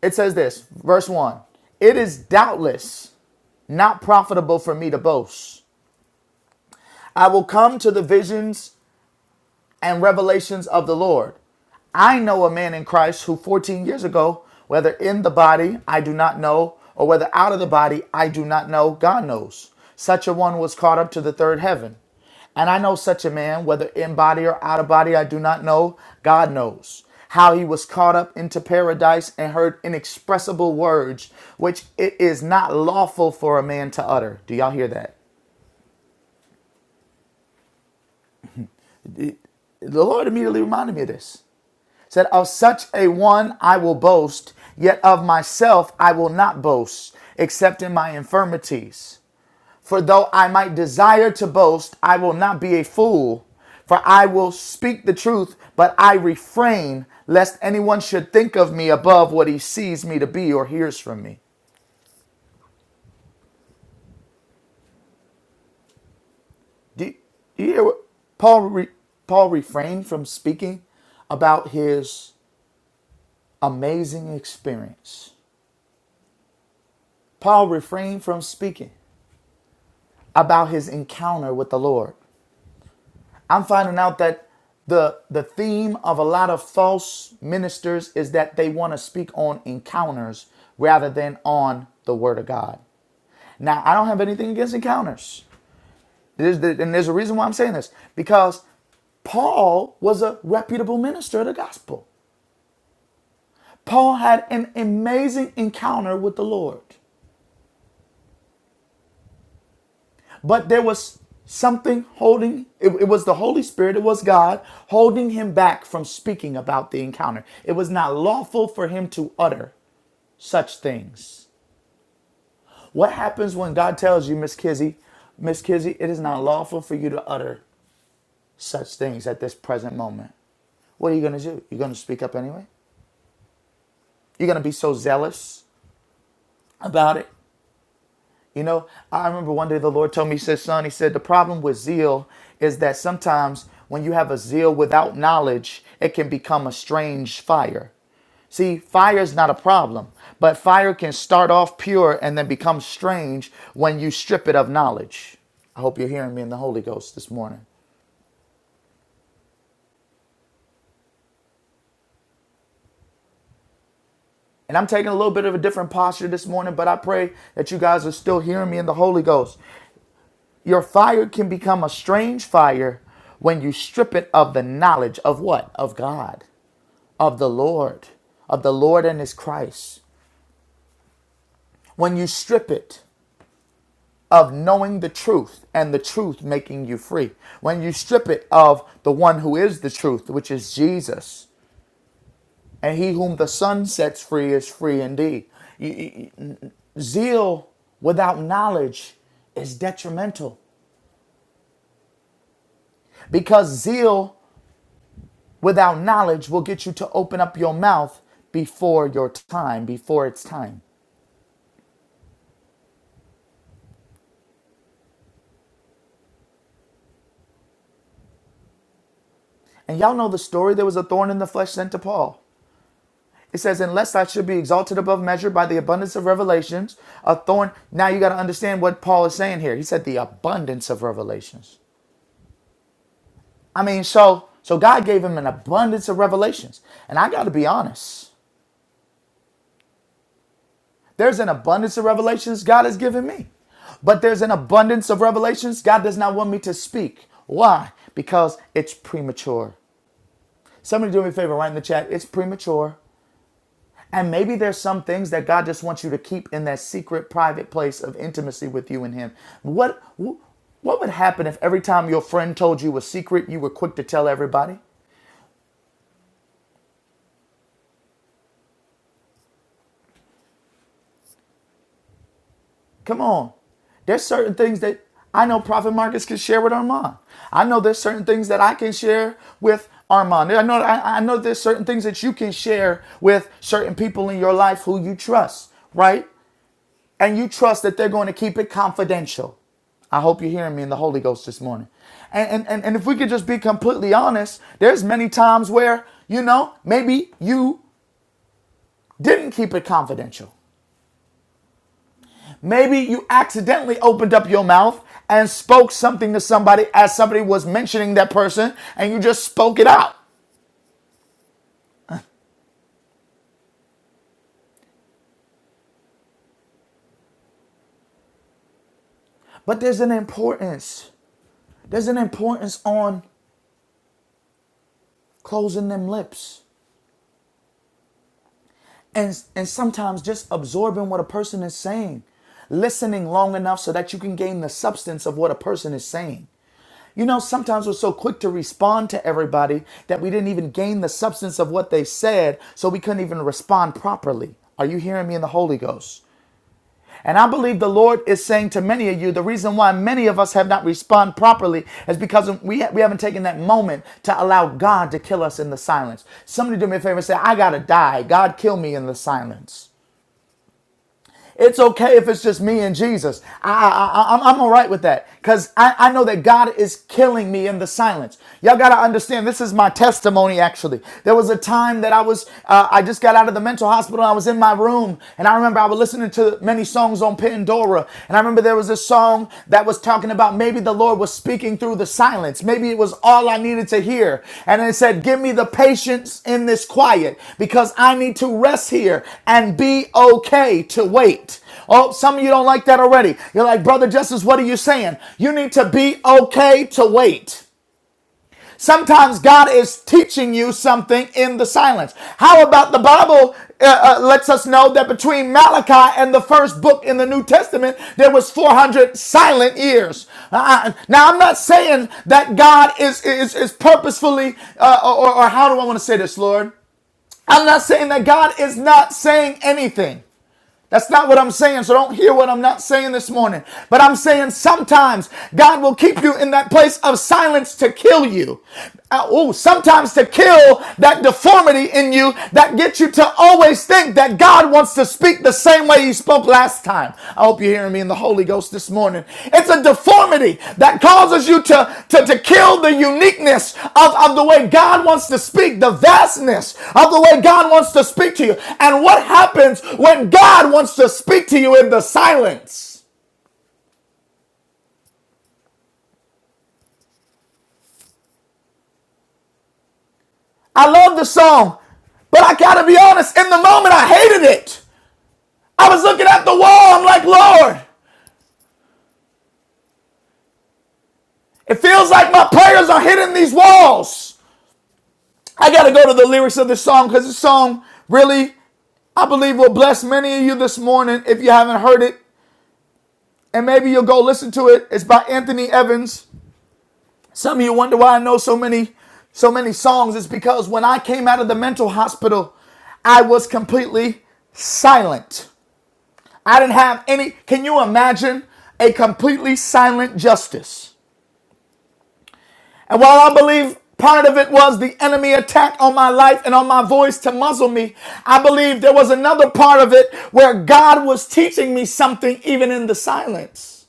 D: It says this, verse one. It is doubtless not profitable for me to boast. I will come to the visions and revelations of the Lord. I know a man in Christ who 14 years ago, whether in the body, I do not know, or whether out of the body, I do not know, God knows. Such a one was caught up to the third heaven. And I know such a man, whether in body or out of body, I do not know, God knows. How he was caught up into paradise and heard inexpressible words, which it is not lawful for a man to utter. Do y'all hear that? The Lord immediately reminded me of this. said, Of such a one I will boast, yet of myself I will not boast, except in my infirmities. For though I might desire to boast, I will not be a fool. For I will speak the truth, but I refrain, lest anyone should think of me above what he sees me to be or hears from me. Do you, do you hear what Paul, re, Paul refrained from speaking about his amazing experience? Paul refrained from speaking. about his encounter with the Lord. I'm finding out that the the theme of a lot of false ministers is that they want to speak on encounters rather than on the word of God. Now, I don't have anything against encounters. There's the- and there's a reason why I'm saying this because Paul was a reputable minister of the gospel. Paul had an amazing encounter with the Lord. But there was something holding, it, it was the Holy Spirit, it was God holding him back from speaking about the encounter. It was not lawful for him to utter such things. What happens when God tells you, Miss Kizzy, Miss Kizzy, it is not lawful for you to utter such things at this present moment? What are you going to do? You're going to speak up anyway? You're going to be so zealous about it You know, I remember one day the Lord told me, He said, Son, He said, the problem with zeal is that sometimes when you have a zeal without knowledge, it can become a strange fire. See, fire is not a problem, but fire can start off pure and then become strange when you strip it of knowledge. I hope you're hearing me in the Holy Ghost this morning. And I'm taking a little bit of a different posture this morning, but I pray that you guys are still hearing me in the Holy Ghost. Your fire can become a strange fire when you strip it of the knowledge of what? Of God, of the Lord, of the Lord and His Christ. When you strip it of knowing the truth and the truth making you free. When you strip it of the one who is the truth, which is Jesus. And he whom the Son sets free is free indeed. Zeal without knowledge is detrimental because zeal without knowledge will get you to open up your mouth before your time, before it's time. And y'all know the story. There was a thorn in the flesh sent to Paul. It says, Unless I should be exalted above measure by the abundance of revelations, a thorn. Now you got to understand what Paul is saying here. He said, The abundance of revelations. I mean, so so God gave him an abundance of revelations. And I got to be honest. There's an abundance of revelations God has given me. But there's an abundance of revelations God does not want me to speak. Why? Because it's premature. Somebody do me a favor, write in the chat, it's premature. And maybe there's some things that God just wants you to keep in that secret, private place of intimacy with you and Him. What, what would happen if every time your friend told you a secret, you were quick to tell everybody? Come on. There's certain things that I know Prophet Marcus can share with Armand. I know there's certain things that I can share with Armand. I know I, I know there's certain things that you can share with certain people in your life who you trust, right? And you trust that they're going to keep it confidential. I hope you're hearing me in the Holy Ghost this morning. And, and, and, and if we could just be completely honest, there's many times where, you know, maybe you didn't keep it confidential. Maybe you accidentally opened up your mouth and spoke something to somebody as somebody was mentioning that person and you just spoke it out. But there's an importance. There's an importance on closing them lips and and sometimes just absorbing what a person is saying. Listening long enough so that you can gain the substance of what a person is saying. You know, sometimes we're so quick to respond to everybody that we didn't even gain the substance of what they said, so we couldn't even respond properly. Are you hearing me in the Holy Ghost? And I believe the Lord is saying to many of you, the reason why many of us have not responded properly is because we, ha we haven't taken that moment to allow God to kill us in the silence. Somebody do me a favor and say, I gotta die. God, kill me in the silence. It's okay if it's just me and Jesus. I, I, I- I'm, all right with that because I, I know that God is killing me in the silence. Y'all got to understand, this is my testimony actually. There was a time that I was, uh, I just got out of the mental hospital. I was in my room and I remember I was listening to many songs on Pandora. And I remember there was this song that was talking about maybe the Lord was speaking through the silence. Maybe it was all I needed to hear. And it said, Give me the patience in this quiet because I need to rest here and be okay to wait. Oh, some of you don't like that already. You're like, Brother Justice, what are you saying? You need to be okay to wait. Sometimes God is teaching you something in the silence. How about the Bible uh, uh, lets us know that between Malachi and the first book in the New Testament, there was 400 silent years. Uh, uh, now, I'm not saying that God is is, is purposefully, uh, or, or how do I want to say this, Lord? I'm not saying that God is not saying anything. That's not what I'm saying, so don't hear what I'm not saying this morning. But I'm saying sometimes God will keep you in that place of silence to kill you. Uh, oh, sometimes to kill that deformity in you that gets you to always think that God wants to speak the same way He spoke last time. I hope you're hearing me in the Holy Ghost this morning. It's a deformity that causes you to, to, to kill the uniqueness of, of the way God wants to speak, the vastness of the way God wants to speak to you. And what happens when God wants to speak to you in the silence? I love the song, but I gotta be honest, in the moment I hated it. I was looking at the wall, I'm like, Lord, it feels like my prayers are hitting these walls. I gotta go to the lyrics of this song because this song really, I believe, will bless many of you this morning if you haven't heard it. And maybe you'll go listen to it. It's by Anthony Evans. Some of you wonder why I know so many, so many songs. It's because when I came out of the mental hospital, I was completely silent. I didn't have any. Can you imagine a completely silent justice? And while I believe part of it was the enemy attack on my life and on my voice to muzzle me, I believe there was another part of it where God was teaching me something even in the silence.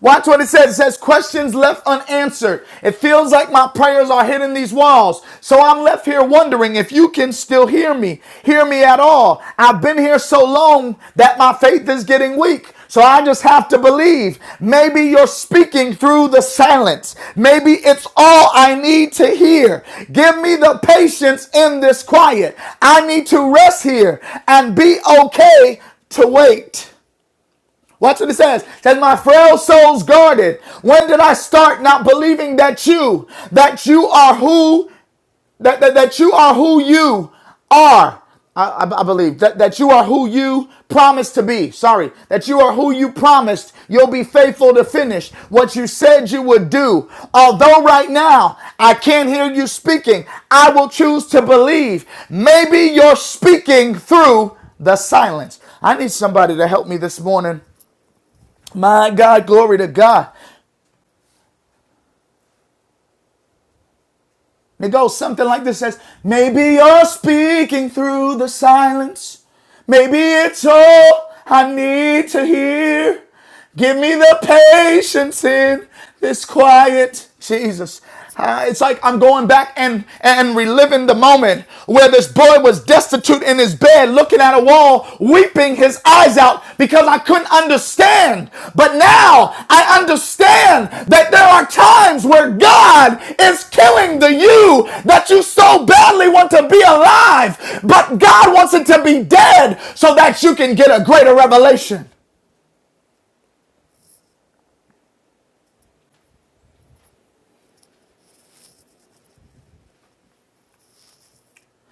D: Watch what it says. It says, questions left unanswered. It feels like my prayers are hitting these walls. So I'm left here wondering if you can still hear me, hear me at all. I've been here so long that my faith is getting weak. So I just have to believe. Maybe you're speaking through the silence. Maybe it's all I need to hear. Give me the patience in this quiet. I need to rest here and be okay to wait. Watch what it says. It says, my frail soul's guarded. When did I start not believing that you, that you are who, that, that, that you are who you are? I, I- I believe that, that you are who you promised to be. Sorry, that you are who you promised. You'll be faithful to finish what you said you would do. Although right now I can't hear you speaking, I will choose to believe. Maybe you're speaking through the silence. I need somebody to help me this morning my God, glory to God. It goes something like this says, Maybe you're speaking through the silence. Maybe it's all I need to hear. Give me the patience in this quiet. Jesus. Uh, it's like I'm going back and, and reliving the moment where this boy was destitute laid in his bed looking at a wall, weeping his eyes out because I couldn't understand. But now I understand that there are times where God is killing the you that you so badly want to be alive, but God wants it to be dead so that you can get a greater revelation.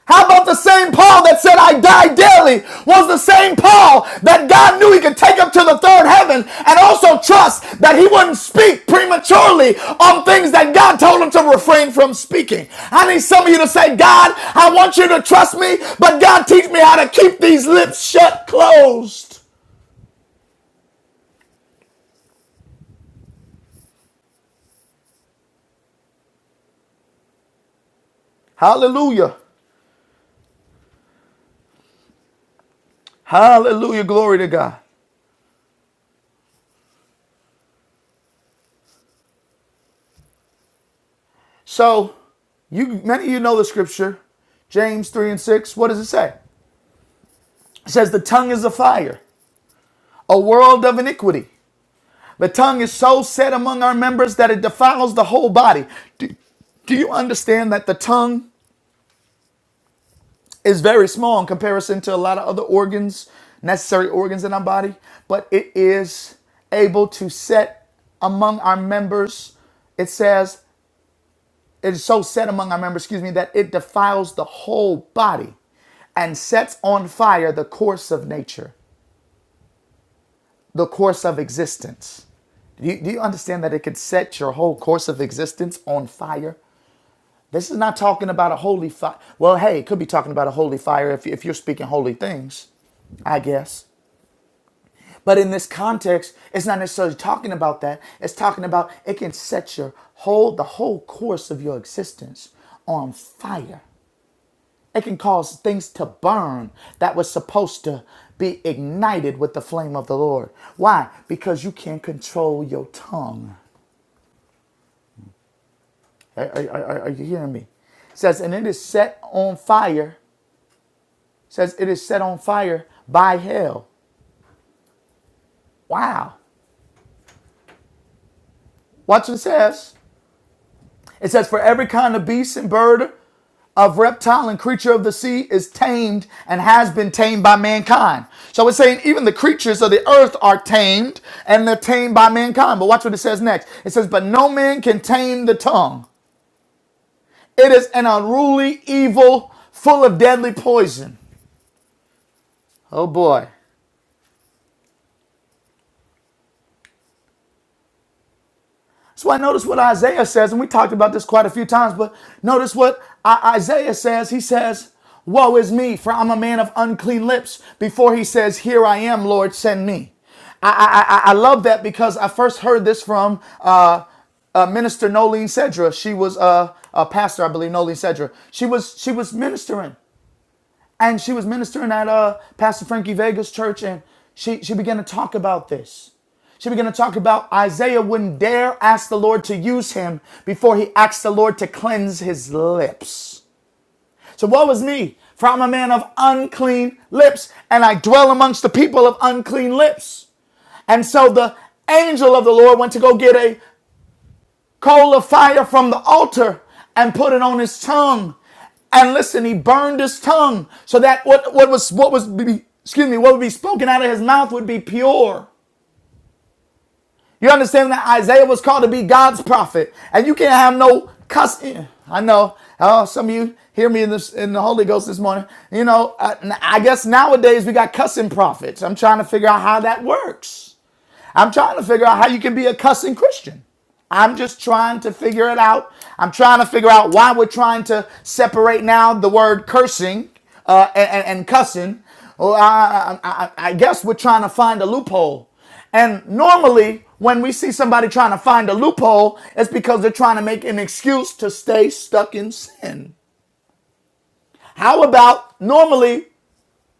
D: How about the same Paul that said, I die daily, was the same Paul that God knew he could take up to the third heaven and also trust that he wouldn't speak prematurely on things that God told him to refrain from speaking. I need some of you to say, God, I want you to trust me, but God, teach me how to keep these lips shut closed. Hallelujah. Hallelujah. Glory to God. So, you many of you know the scripture, James 3 and 6. What does it say? It says the tongue is a fire. a world of iniquity. The tongue is so set among our members that it defiles the whole body. Do, do you understand that the tongue is very small in comparison to a lot of other organs, necessary organs in our body? But it is able to set among our members, it says, it is so set among our members, excuse me, that it defiles the whole body and sets on fire the course of nature. the course of existence. Do you, do you understand that it could set your whole course of existence on fire? This is not talking about a holy fire. Well, hey, it could be talking about a holy fire if, if you're speaking holy things, I guess. But in this context, it's not necessarily talking about that. It's talking about it can set your whole, the whole course of your existence on fire. It can cause things to burn that was supposed to be ignited with the flame of the Lord. Why? Because you can't control your tongue. Are, are- are- you hearing me? It says, and it is set on fire. It says, it is set on fire by hell. Wow. Watch what it says. It says, For every kind of beast and bird, of reptile and creature of the sea is tamed and has been tamed by mankind. So it's saying even the creatures of the earth are tamed and they're tamed by mankind. But watch what it says next. It says, But no man can tame the tongue. It is an unruly evil full of deadly poison. Oh boy. So I notice what Isaiah says, and we talked about this quite a few times, but notice what I- Isaiah says. He says, Woe is me, for I'm a man of unclean lips. Before he says, Here I am, Lord, send me. I, I, I I love that because I first heard this from uh, uh, Minister Nolene Sedra. She was uh, a pastor, I believe, Nolene Sedra. She was she was ministering, and she was ministering at uh, Pastor Frankie Vega's church, and she she began to talk about this. She began to talk about Isaiah wouldn't dare ask the Lord to use him before he asked the Lord to cleanse his lips. So woe is me, for I'm a man of unclean lips, and I dwell amongst the people of unclean lips. And so the angel of the Lord went to go get a coal of fire from the altar and put it on his tongue. And listen, he burned his tongue so that what, what was what was be, excuse me, what would be spoken out of his mouth would be pure. You understand that Isaiah was called to be God's prophet, and you can't have no cuss. I know. Oh, some of you hear me in this in the Holy Ghost this morning. You know, I, I guess nowadays we got cussing prophets. I'm trying to figure out how that works. I'm trying to figure out how you can be a cussing Christian. I'm just trying to figure it out. I'm trying to figure out why we're trying to separate now the word cursing uh, and, and, cussing. Well, I, I I guess we're trying to find a loophole. And normally, when we see somebody trying to find a loophole, it's because they're trying to make an excuse to stay stuck in sin. How about normally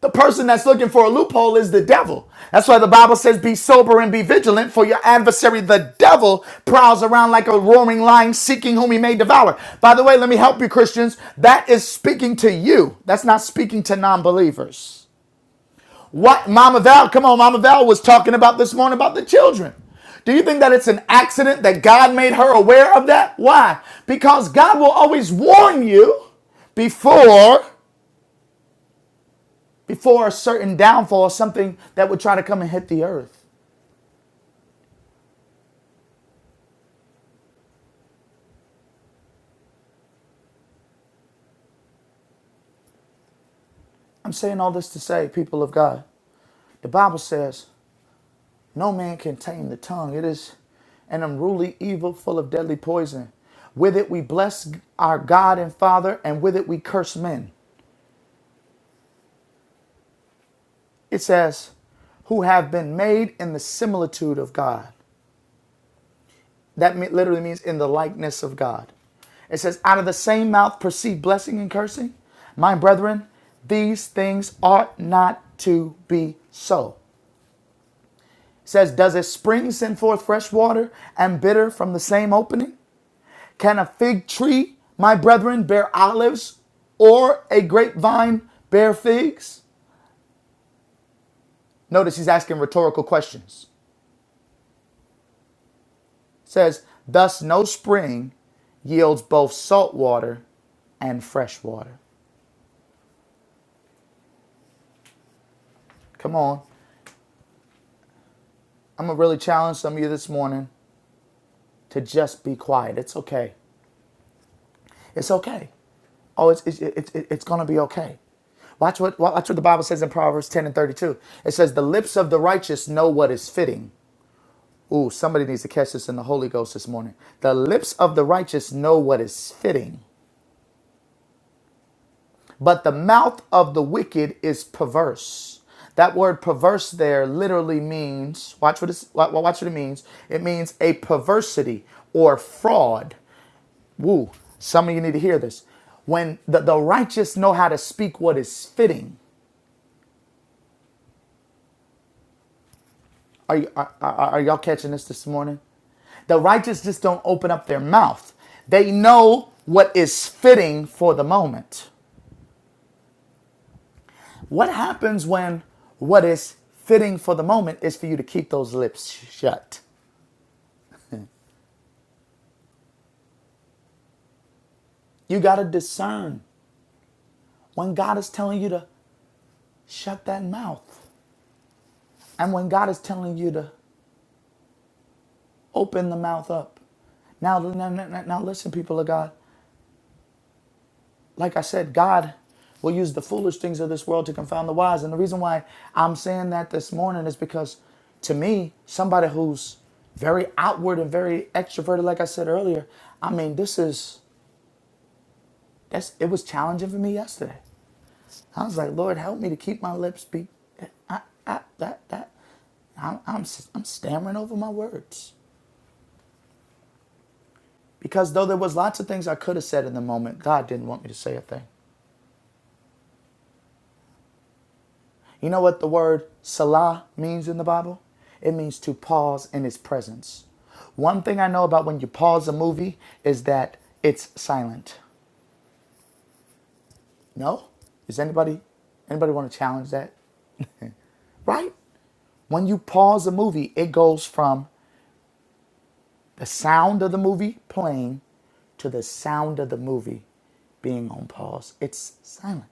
D: the person that's looking for a loophole is the devil. That's why the Bible says, Be sober and be vigilant, for your adversary, the devil, prowls around like a roaring lion, seeking whom he may devour. By the way, let me help you, Christians. That is speaking to you, that's not speaking to non believers. What Mama Val, come on, Mama Val was talking about this morning about the children. Do you think that it's an accident that God made her aware of that? Why? Because God will always warn you before before a certain downfall or something that would try to come and hit the earth. I'm saying all this to say, people of God, the Bible says, no man can tame the tongue. It is an unruly evil full of deadly poison. With it we bless our God and Father, and with it we curse men. It says, who have been made in the similitude of God. That literally means in the likeness of God. It says, out of the same mouth proceed blessing and cursing. My brethren, these things ought not to be so. It says, does a spring send forth fresh water and bitter from the same opening? Can a fig tree, my brethren, bear olives or a grapevine bear figs? Notice he's asking rhetorical questions. It says, thus no spring yields both salt water and fresh water. Come on. I'm going to really challenge some of you this morning to just be quiet. It's okay. It's okay. Oh, it's, it's, it's, it's going to be okay. Watch what, watch what the Bible says in Proverbs 10 and 32. It says, The lips of the righteous know what is fitting. Ooh, somebody needs to catch this in the Holy Ghost this morning. The lips of the righteous know what is fitting, but the mouth of the wicked is perverse. That word perverse there literally means, watch what, it's, watch what it means. It means a perversity or fraud Woo. Some of you need to hear this. When the, the righteous know how to speak what is fitting. Are, you, are, are, are y'all catching this this morning? The righteous just don't open up their mouth. They know what is fitting for the moment. What happens when what is fitting for the moment is for you to keep those lips shut? You got to discern when God is telling you to shut that mouth and when God is telling you to open the mouth up. Now, now, now, now listen, people of God. like I said, God will use the foolish things of this world to confound the wise. And the reason why I'm saying that this morning is because to me, somebody who's very outward and very extroverted, like I said earlier, I mean, this is, that's, it was challenging for me yesterday. I was like, Lord, help me to keep my lips be, I, I, that, that, I'm, I'm, I'm stammering over my words. Because though there was lots of things I could have said in the moment, God didn't want me to say a thing. You know what the word Salah means in the Bible? It means to pause in his presence. One thing I know about when you pause a movie is that it's silent. No? Does anybody anybody want to challenge that? Right? When you pause a movie, it goes from the sound of the movie playing to the sound of the movie being on pause. It's silent.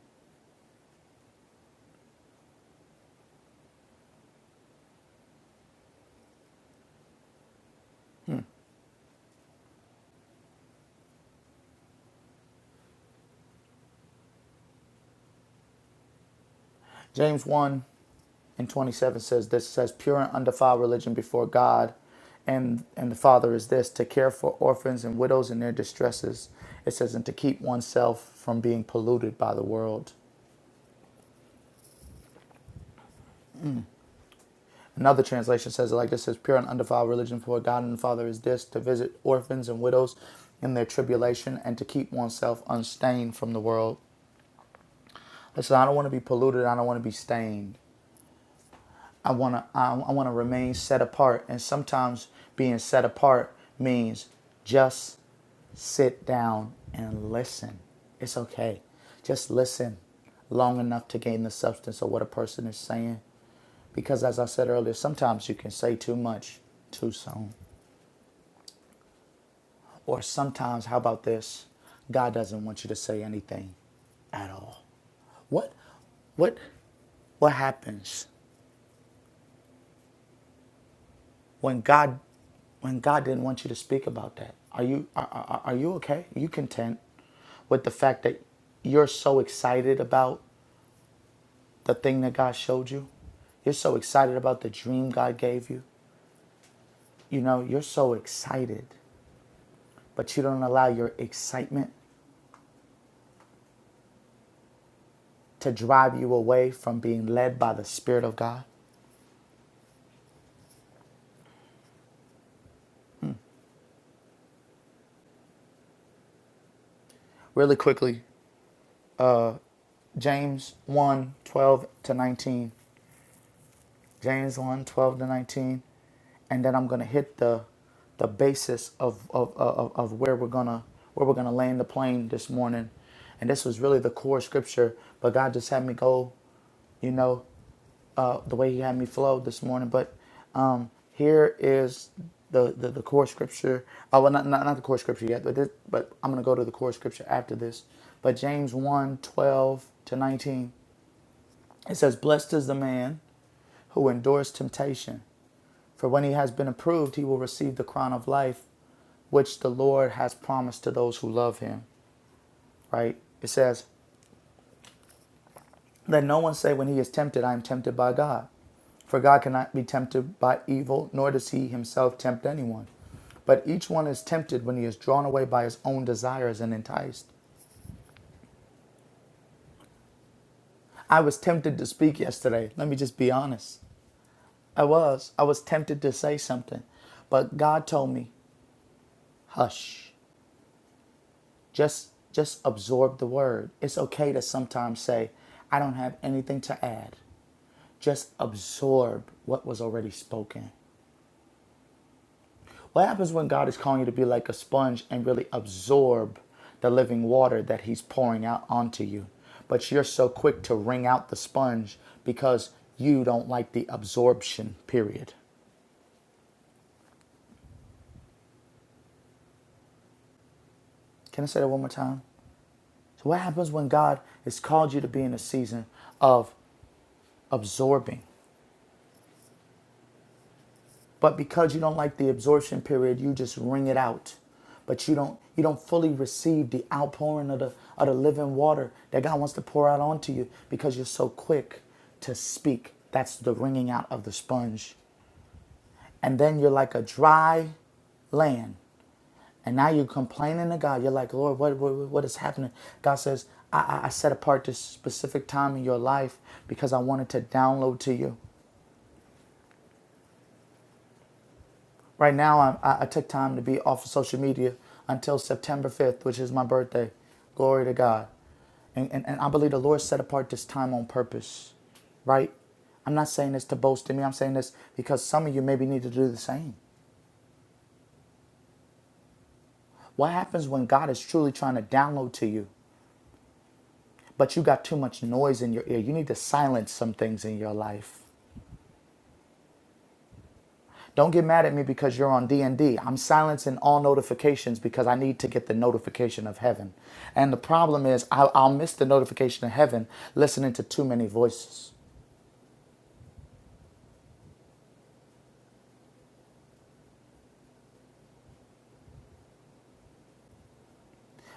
D: James 1 and 27 says this says pure and undefiled religion before god and and the father is this to care for orphans and widows in their distresses it says and to keep oneself from being polluted by the world another translation says it like this says pure and undefiled religion before god and the father is this to visit orphans and widows in their tribulation and to keep oneself unstained from the world listen i don't want to be polluted i don't want to be stained I want to I, I want to remain set apart and sometimes being set apart means just sit down and listen. It's okay. Just listen long enough to gain the substance of what a person is saying because as I said earlier, sometimes you can say too much too soon. Or sometimes how about this? God doesn't want you to say anything at all. What what what happens when God when God didn't want you to speak about that? Are you are, are are you okay? Are you content with the fact that you're so excited about the thing that God showed you? You're so excited about the dream God gave you. You know, you're so excited, but you don't allow your excitement to drive you away from being led by the Spirit of God. Really quickly, James one 12 to 19. James one 12 to 19. And then I'm gonna hit the the basis of of, of, of where we're gonna where we're gonna land the plane this morning. And this was really the core scripture, but God just had me go, you know, uh, the way He had me flow this morning. But um, here is the, the, the core scripture. Oh, well, not, not, not the core scripture yet, but, this, but I'm going to go to the core scripture after this. But James one 12 to 19, it says, Blessed is the man who endures temptation, for when he has been approved, he will receive the crown of life which the Lord has promised to those who love him. Right? It says, Let no one say when he is tempted, I am tempted by God. For God cannot be tempted by evil, nor does he himself tempt anyone. But each one is tempted when he is drawn away by his own desires and enticed. I was tempted to speak yesterday. Let me just be honest. I was. I was tempted to say something. But God told me, Hush. Just just absorb the word. It's okay to sometimes say, I don't have anything to add. Just absorb what was already spoken. What happens when God is calling you to be like a sponge and really absorb the living water that he's pouring out onto you? But you're so quick to wring out the sponge because you don't like the absorption period. Can I say that one more time? So, what happens when God has called you to be in a season of absorbing? but because you don't like the absorption period you just wring it out but you don't you don't fully receive the outpouring of the of the living water that god wants to pour out onto you because you're so quick to speak that's the wringing out of the sponge and then you're like a dry land and now you're complaining to god you're like lord what what, what is happening god says I, I set apart this specific time in your life because i wanted to download to you Right now, I, I, took time to be off of social media until September 5th, which is my birthday. Glory to God. And, and, and I believe the Lord set apart this time on purpose, right? I'm not saying this to boast in me. I'm saying this because some of you maybe need to do the same. What happens when God is truly trying to download to you, but you got too much noise in your ear? You need to silence some things in your life. Don't get mad at me because you're on d and D. am silencing all notifications because I need to get the notification of heaven. And the problem is I'll, I'll miss the notification of heaven listening to too many voices.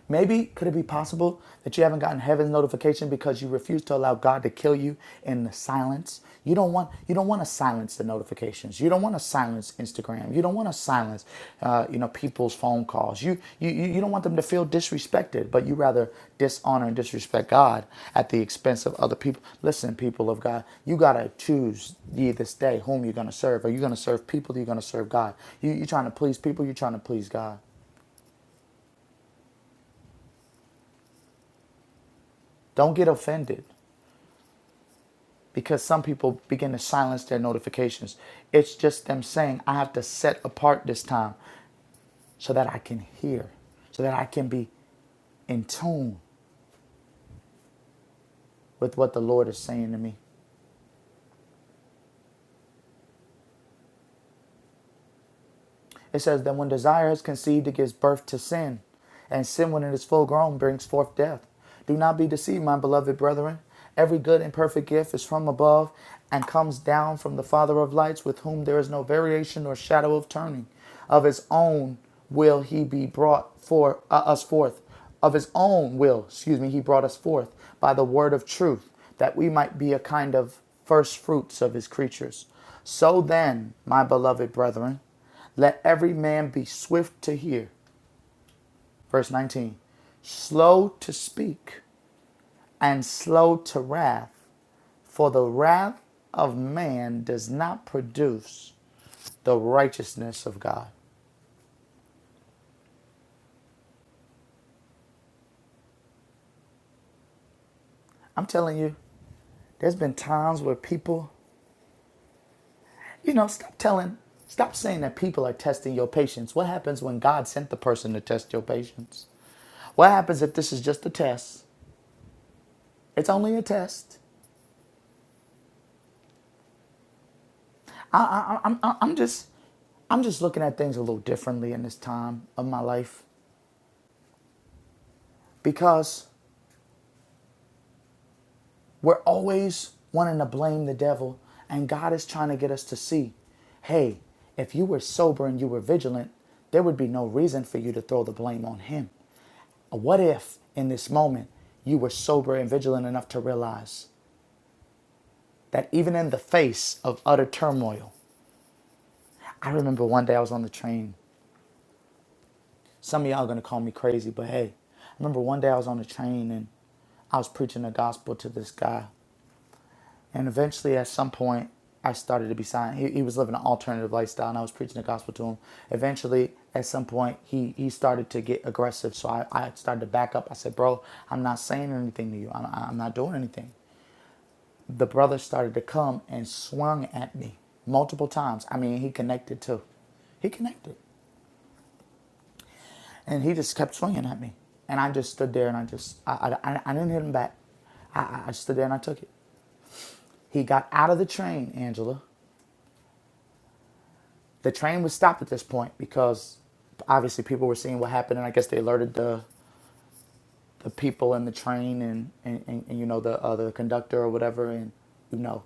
D: Maybe could it be possible that you haven't gotten heaven's notification because you refuse to allow God to kill you in the silence? You don't want you don't want to silence the notifications. You don't want to silence Instagram. You don't want to silence uh, you know people's phone calls. You, you you don't want them to feel disrespected, but you rather dishonor and disrespect God at the expense of other people. Listen, people of God, you gotta choose ye this day whom you're gonna serve. Are you gonna serve people? Are you gonna serve God? You you trying to please people? You're trying to please God. Don't get offended. because some people begin to silence their notifications. It's just them saying, I have to set apart this time so that I can hear, so that I can be in tune with what the Lord is saying to me. It says that when desire is conceived, it gives birth to sin, and sin, when it is full grown, brings forth death. Do not be deceived, my beloved brethren. Every good and perfect gift is from above and comes down from the Father of lights, with whom there is no variation or shadow of turning. Of his own will he be brought for uh, us forth. Of his own will, excuse me, he brought us forth by the word of truth, that we might be a kind of first fruits of his creatures. So then, my beloved brethren, let every man be swift to hear. Verse 19 Slow to speak and slow to wrath, for the wrath of man does not produce the righteousness of God. I'm telling you, there's been times where people, you know, stop telling, stop saying that people are testing your patience. What happens when God sent the person to test your patience? What happens if this is just a test? It's only a test. I, I, I'm, I'm am just, I'm just looking at things a little differently in this time of my life because we're always wanting to blame the devil, and God is trying to get us to see, hey, if you were sober and you were vigilant, there would be no reason for you to throw the blame on him. What if in this moment you were sober and vigilant enough to realize that even in the face of utter turmoil, I remember one day I was on the train Some of y'all gonna call me crazy, but hey, I remember one day I was on the train and I was preaching the gospel to this guy. And eventually, at some point, I started to be silent. He, he was living an alternative lifestyle, and I was preaching the gospel to him. Eventually, at some point, he, he started to get aggressive. So I, I started to back up. I said, Bro, I'm not saying anything to you, I'm, I'm not doing anything. The brother started to come and swung at me multiple times. I mean, he connected too. He connected. And he just kept swinging at me. And I just stood there and I just, I, I, I I didn't hit him back. I, I I stood there and I took it. He got out of the train, Angela. The train was stopped at this point because obviously people were seeing what happened and I guess they alerted the, the people in the train and, and, and, and you know, the, uh, the conductor or whatever. And, you know,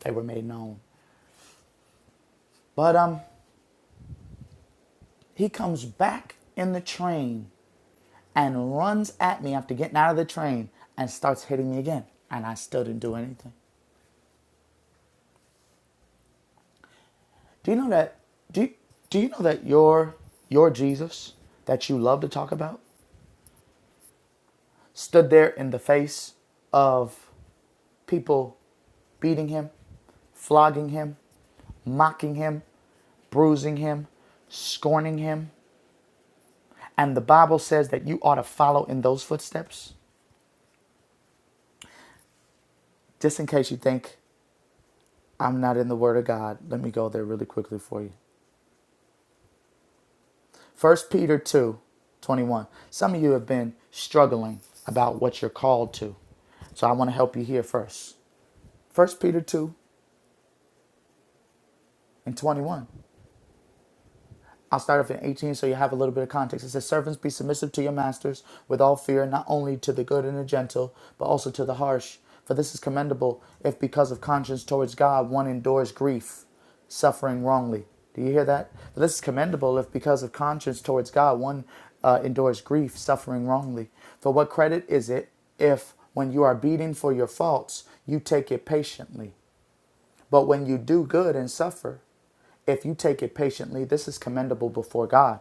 D: they were made known. But um, he comes back in the train and runs at me after getting out of the train and starts hitting me again. And I still didn't do anything. Do you know that? Do you, Do you know that your your Jesus that you love to talk about stood there in the face of people beating him, flogging him, mocking him, bruising him, scorning him, and the Bible says that you ought to follow in those footsteps. Just in case you think I'm not in the Word of God, let me go there really quickly for you. First Peter 2, 21. Some of you have been struggling about what you're called to. So I want to help you here first. First Peter 2 and 21. I'll start off in 18 so you have a little bit of context. It says, Servants, be submissive to your masters with all fear, not only to the good and the gentle, but also to the harsh. For this is commendable if, because of conscience towards God, one endures grief, suffering wrongly. Do you hear that? For this is commendable if, because of conscience towards God, one uh, endures grief, suffering wrongly. For what credit is it if, when you are beaten for your faults, you take it patiently? But when you do good and suffer, if you take it patiently, this is commendable before God.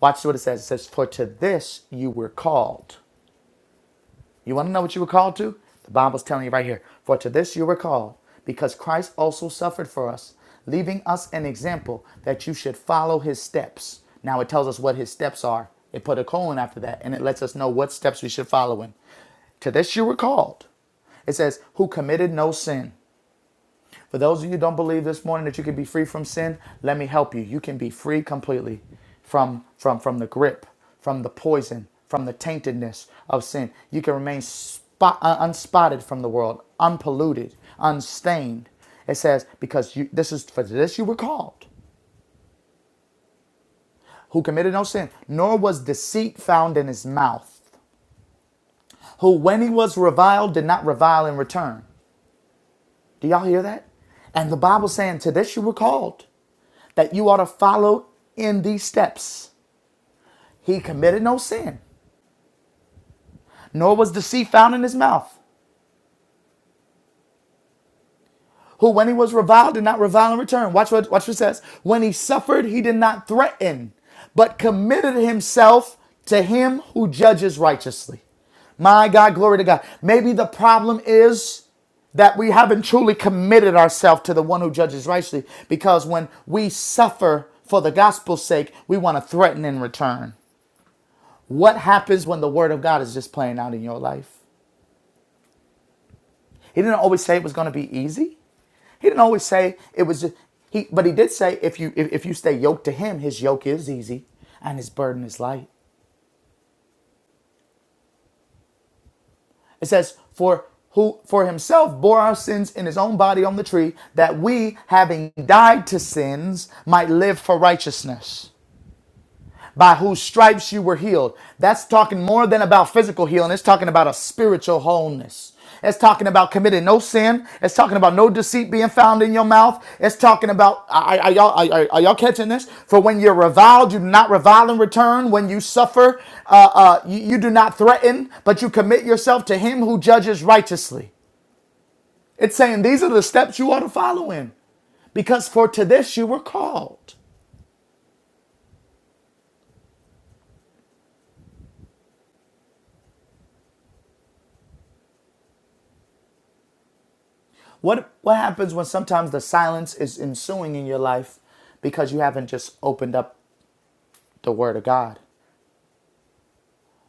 D: Watch what it says. It says, For to this you were called. You want to know what you were called to? The Bible's telling you right here. For to this you were called, because Christ also suffered for us, leaving us an example that you should follow his steps. Now it tells us what his steps are. It put a colon after that, and it lets us know what steps we should follow in. To this you were called. It says, Who committed no sin for those of you who don't believe this morning that you can be free from sin, let me help you. You can be free completely from from from the grip, from the poison, from the taintedness of sin. You can remain spot, uh, unspotted from the world, unpolluted, unstained. It says because you this is for this you were called, who committed no sin, nor was deceit found in his mouth, who when he was reviled did not revile in return. Do y'all hear that? And the Bible's saying to this you were called. that you ought to follow in these steps. He committed no sin, nor was deceit found in his mouth. Who, when he was reviled, did not revile in return. Watch what, watch what it says. When he suffered, he did not threaten, but committed himself to him who judges righteously. My God, glory to God. Maybe the problem is that we haven't truly committed ourselves to the one who judges righteously because when we suffer for the gospel's sake, we want to threaten in return. What happens when the word of God is just playing out in your life? He didn't always say it was going to be easy. He didn't always say it was just he, but he did say if you if, if you stay yoked to him, his yoke is easy and his burden is light. It says, For who for himself bore our sins in his own body on the tree, that we, having died to sins, might live for righteousness. by whose stripes you were healed. That's talking more than about physical healing. It's talking about a spiritual wholeness. It's talking about committing no sin. It's talking about no deceit being found in your mouth. It's talking about are, are y'all are, are- y'all catching this? For when you're reviled, you do not revile in return. When you suffer, uh, uh, you, you do not threaten, but you commit yourself to Him who judges righteously. It's saying these are the steps you ought to follow in, because for to this you were called. What what happens when sometimes the silence is ensuing in your life because you haven't just opened up the Word of God?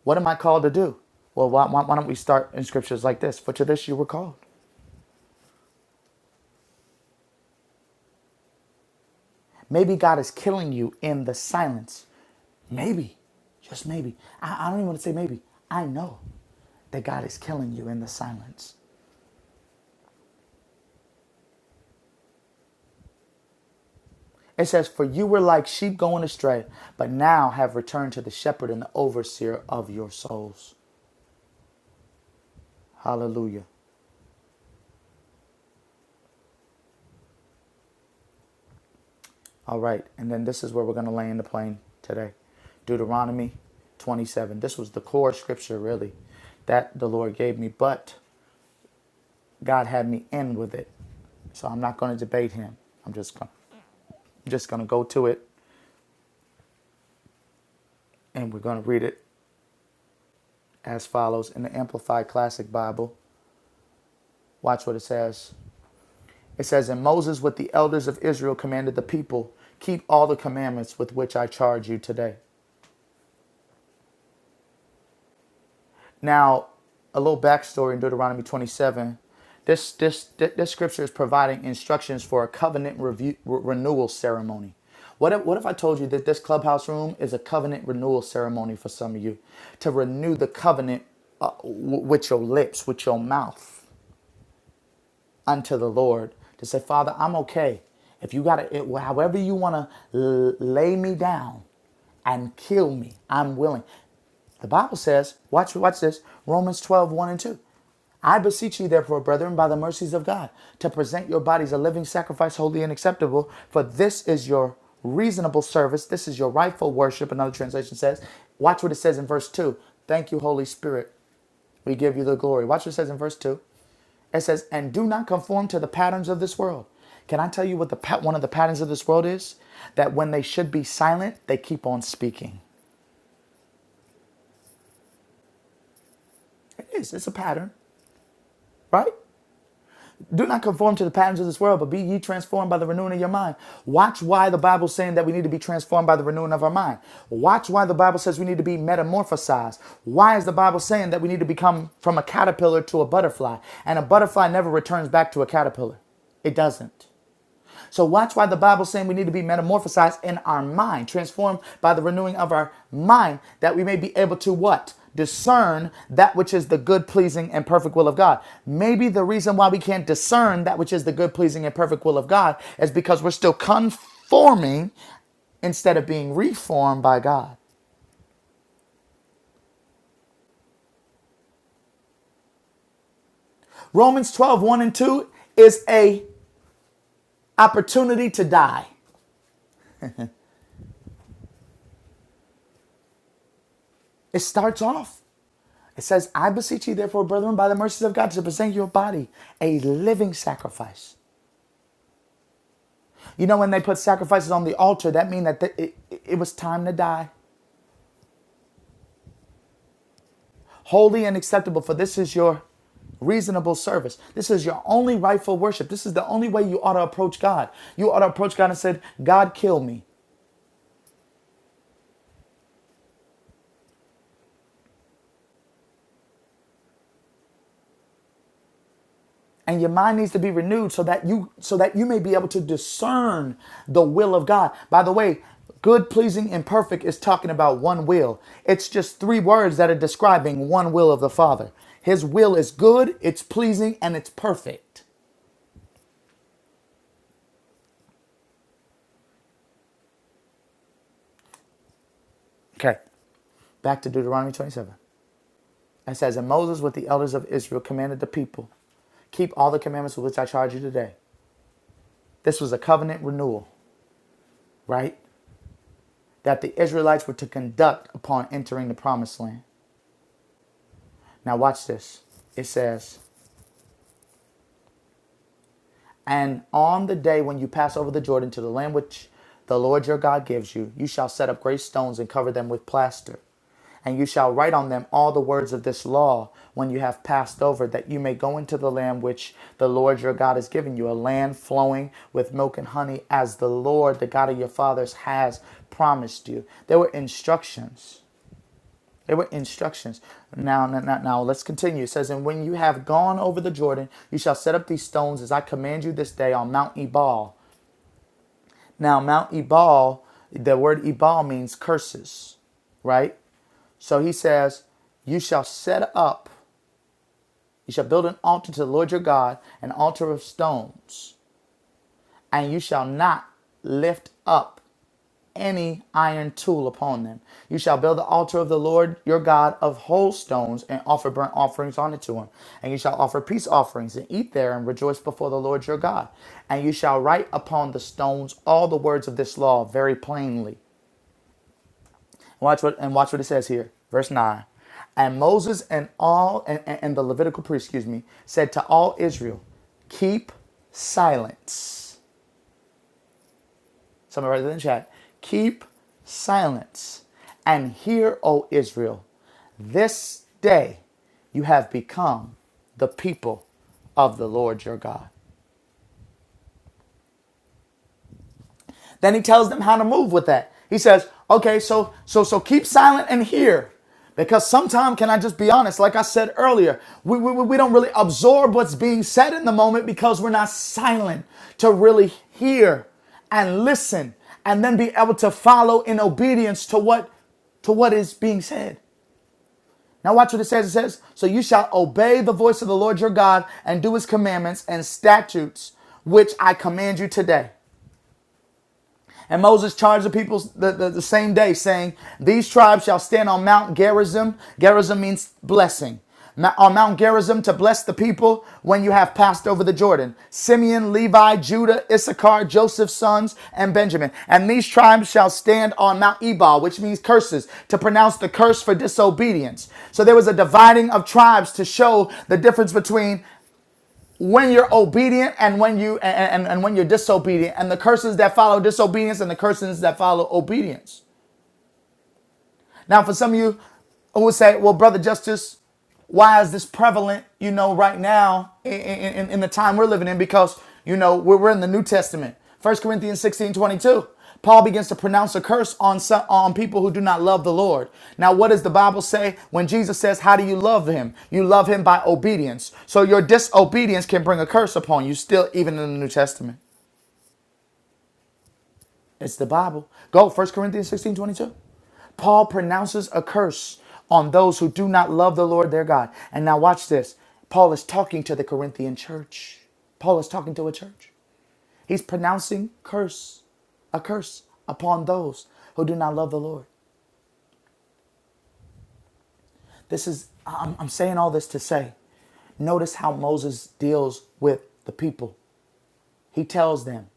D: What am I called to do? Well, why, why, why don't we start in scriptures like this? For to this you were called. Maybe God is killing you in the silence. Maybe, just maybe. I, I don't even want to say maybe. I know that God is killing you in the silence. It says, For you were like sheep going astray, but now have returned to the shepherd and the overseer of your souls. Hallelujah. All right, and then this is where we're going to land the plane today. Deuteronomy 27. This was the core scripture, really, that the Lord gave me, but God had me end with it. So I'm not going to debate him. I'm just going I'm just going to go to it and we're going to read it as follows in the Amplified Classic Bible. Watch what it says. It says, "And Moses with the elders of Israel commanded the people, keep all the commandments with which I charge you today." Now, a little backstory in Deuteronomy 27. This, this, this scripture is providing instructions for a covenant review, re- renewal ceremony. What if, what if I told you that this clubhouse room is a covenant renewal ceremony for some of you to renew the covenant uh, w- with your lips, with your mouth unto the Lord to say, Father, I'm okay. If you got it, however you want to l- lay me down and kill me, I'm willing. The Bible says, watch, watch this, Romans twelve one and 2. I beseech you, therefore, brethren, by the mercies of God, to present your bodies a living sacrifice, holy and acceptable, for this is your reasonable service. This is your rightful worship, another translation says. Watch what it says in verse 2. Thank you, Holy Spirit. We give you the glory. Watch what it says in verse 2. It says, And do not conform to the patterns of this world. Can I tell you what the pat- one of the patterns of this world is? That when they should be silent, they keep on speaking. It is. It's a pattern, right? Do not conform to the patterns of this world, but be ye transformed by the renewing of your mind. Watch why the Bible's saying that we need to be transformed by the renewing of our mind. Watch why the Bible says we need to be metamorphosized. Why is the Bible saying that we need to become from a caterpillar to a butterfly? And a butterfly never returns back to a caterpillar. It doesn't. So watch why the Bible's saying we need to be metamorphosized in our mind, transformed by the renewing of our mind, that we may be able to what? Discern that which is the good, pleasing, and perfect will of God. Maybe the reason why we can't discern that which is the good, pleasing, and perfect will of God is because we're still conforming instead of being reformed by God. Romans twelve one and 2 is a opportunity to die. It starts off. It says, I beseech you, therefore, brethren, by the mercies of God, to present your body a living sacrifice. You know, when they put sacrifices on the altar, that means that it, it it was time to die. Holy and acceptable, for this is your reasonable service. This is your only rightful worship. This is the only way you ought to approach God. You ought to approach God and said, God, kill me. and your mind needs to be renewed so that you so that you may be able to discern the will of God. By the way, good, pleasing, and perfect is talking about one will. It's just three words that are describing one will of the Father. His will is good, it's pleasing, and it's perfect. Okay. Back to Deuteronomy 27. It says, And Moses with the elders of Israel commanded the people, keep all the commandments with which I charge you today. This was a covenant renewal, right? That the Israelites were to conduct upon entering the promised land. Now, watch this. It says, And on the day when you pass over the Jordan to the land which the Lord your God gives you, you shall set up great stones and cover them with plaster. And you shall write on them all the words of this law when you have passed over, that you may go into the land which the Lord your God has given you, a land flowing with milk and honey, as the Lord, the God of your fathers, has promised you. There were instructions. They were instructions. Now, now, now, let's continue. It says, And when you have gone over the Jordan, you shall set up these stones as I command you this day on Mount Ebal. Now, Mount Ebal, the word Ebal means curses, right? So he says, You shall set up, you shall build an altar to the Lord your God, an altar of stones, and you shall not lift up any iron tool upon them. You shall build the altar of the Lord your God of whole stones and offer burnt offerings on it to him. And you shall offer peace offerings and eat there and rejoice before the Lord your God. And you shall write upon the stones all the words of this law very plainly. Watch what and watch what it says here. Verse 9. And Moses and all and, and and the Levitical priest, excuse me, said to all Israel, keep silence Someone write it in the chat. Keep silence and hear, O Israel. This day you have become the people of the Lord your God. Then he tells them how to move with that. He says, okay, so so so keep silent and hear. Because sometimes, can I just be honest? Like I said earlier, we, we, we don't really absorb what's being said in the moment because we're not silent to really hear and listen and then be able to follow in obedience to what to what is being said. Now watch what it says. It says, So you shall obey the voice of the Lord your God and do his commandments and statutes which I command you today. And Moses charged the people the, the, the same day, saying, These tribes shall stand on Mount Gerizim. Gerizim means blessing. Ma- On Mount Gerizim to bless the people when you have passed over the Jordan. Simeon, Levi, Judah, Issachar, Joseph's sons, and Benjamin. And these tribes shall stand on Mount Ebal, which means curses, to pronounce the curse for disobedience. So there was a dividing of tribes to show the difference between when you're obedient and when you and, and, and when you're disobedient and the curses that follow disobedience and the curses that follow obedience now, for some of you who would say, well, Brother Justice, why is this prevalent, you know, right now in, in, in the time we're living in? Because, you know, we're, we're in the New Testament. First Corinthians 16 22. Paul begins to pronounce a curse on some, on people who do not love the Lord. Now, what does the Bible say when Jesus says, How do you love him? You love him by obedience. So your disobedience can bring a curse upon you, still, even in the New Testament. It's the Bible. Go, First Corinthians 16 22. Paul pronounces a curse on those who do not love the Lord their God. And now, watch this. Paul is talking to the Corinthian church. Paul is talking to a church. He's pronouncing curse, a curse upon those who do not love the Lord. This is, I'm, I'm saying all this to say, notice how Moses deals with the people. He tells them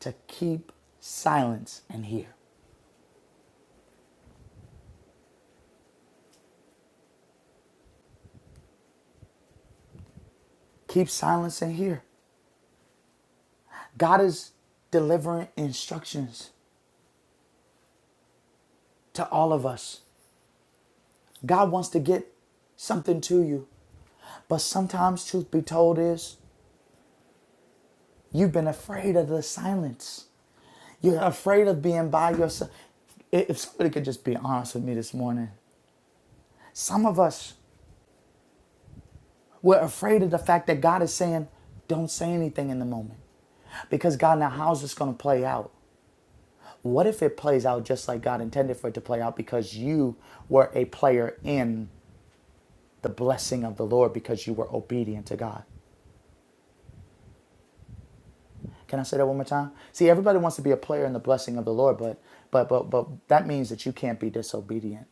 D: to keep silence and hear. Keep silence and hear. God is delivering instructions to all of us. God wants to get something to you. But sometimes, truth be told, is you've been afraid of the silence. You're afraid of being by yourself. If somebody could just be honest with me this morning, some of us we're afraid of the fact that God is saying, don't say anything in the moment. Because God, now how's this going to play out? What if it plays out just like God intended for it to play out because you were a player in the blessing of the Lord because you were obedient to God. Can I say that one more time? See, everybody wants to be a player in the blessing of the Lord, but but but but that means that you can't be disobedient.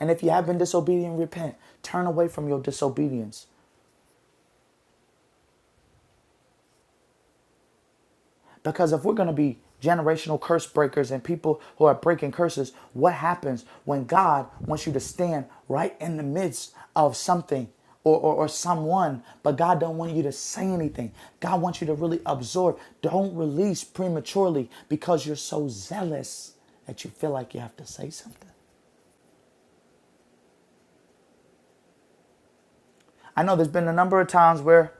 D: And if you have been disobedient, repent. Turn away from your disobedience. Because if we're going to be generational curse breakers and people who are breaking curses, what happens when God wants you to stand right in the midst of something or, or, or someone, but God don't want you to say anything. God wants you to really absorb. Don't release prematurely because you're so zealous that you feel like you have to say something. I know there's been a number of times where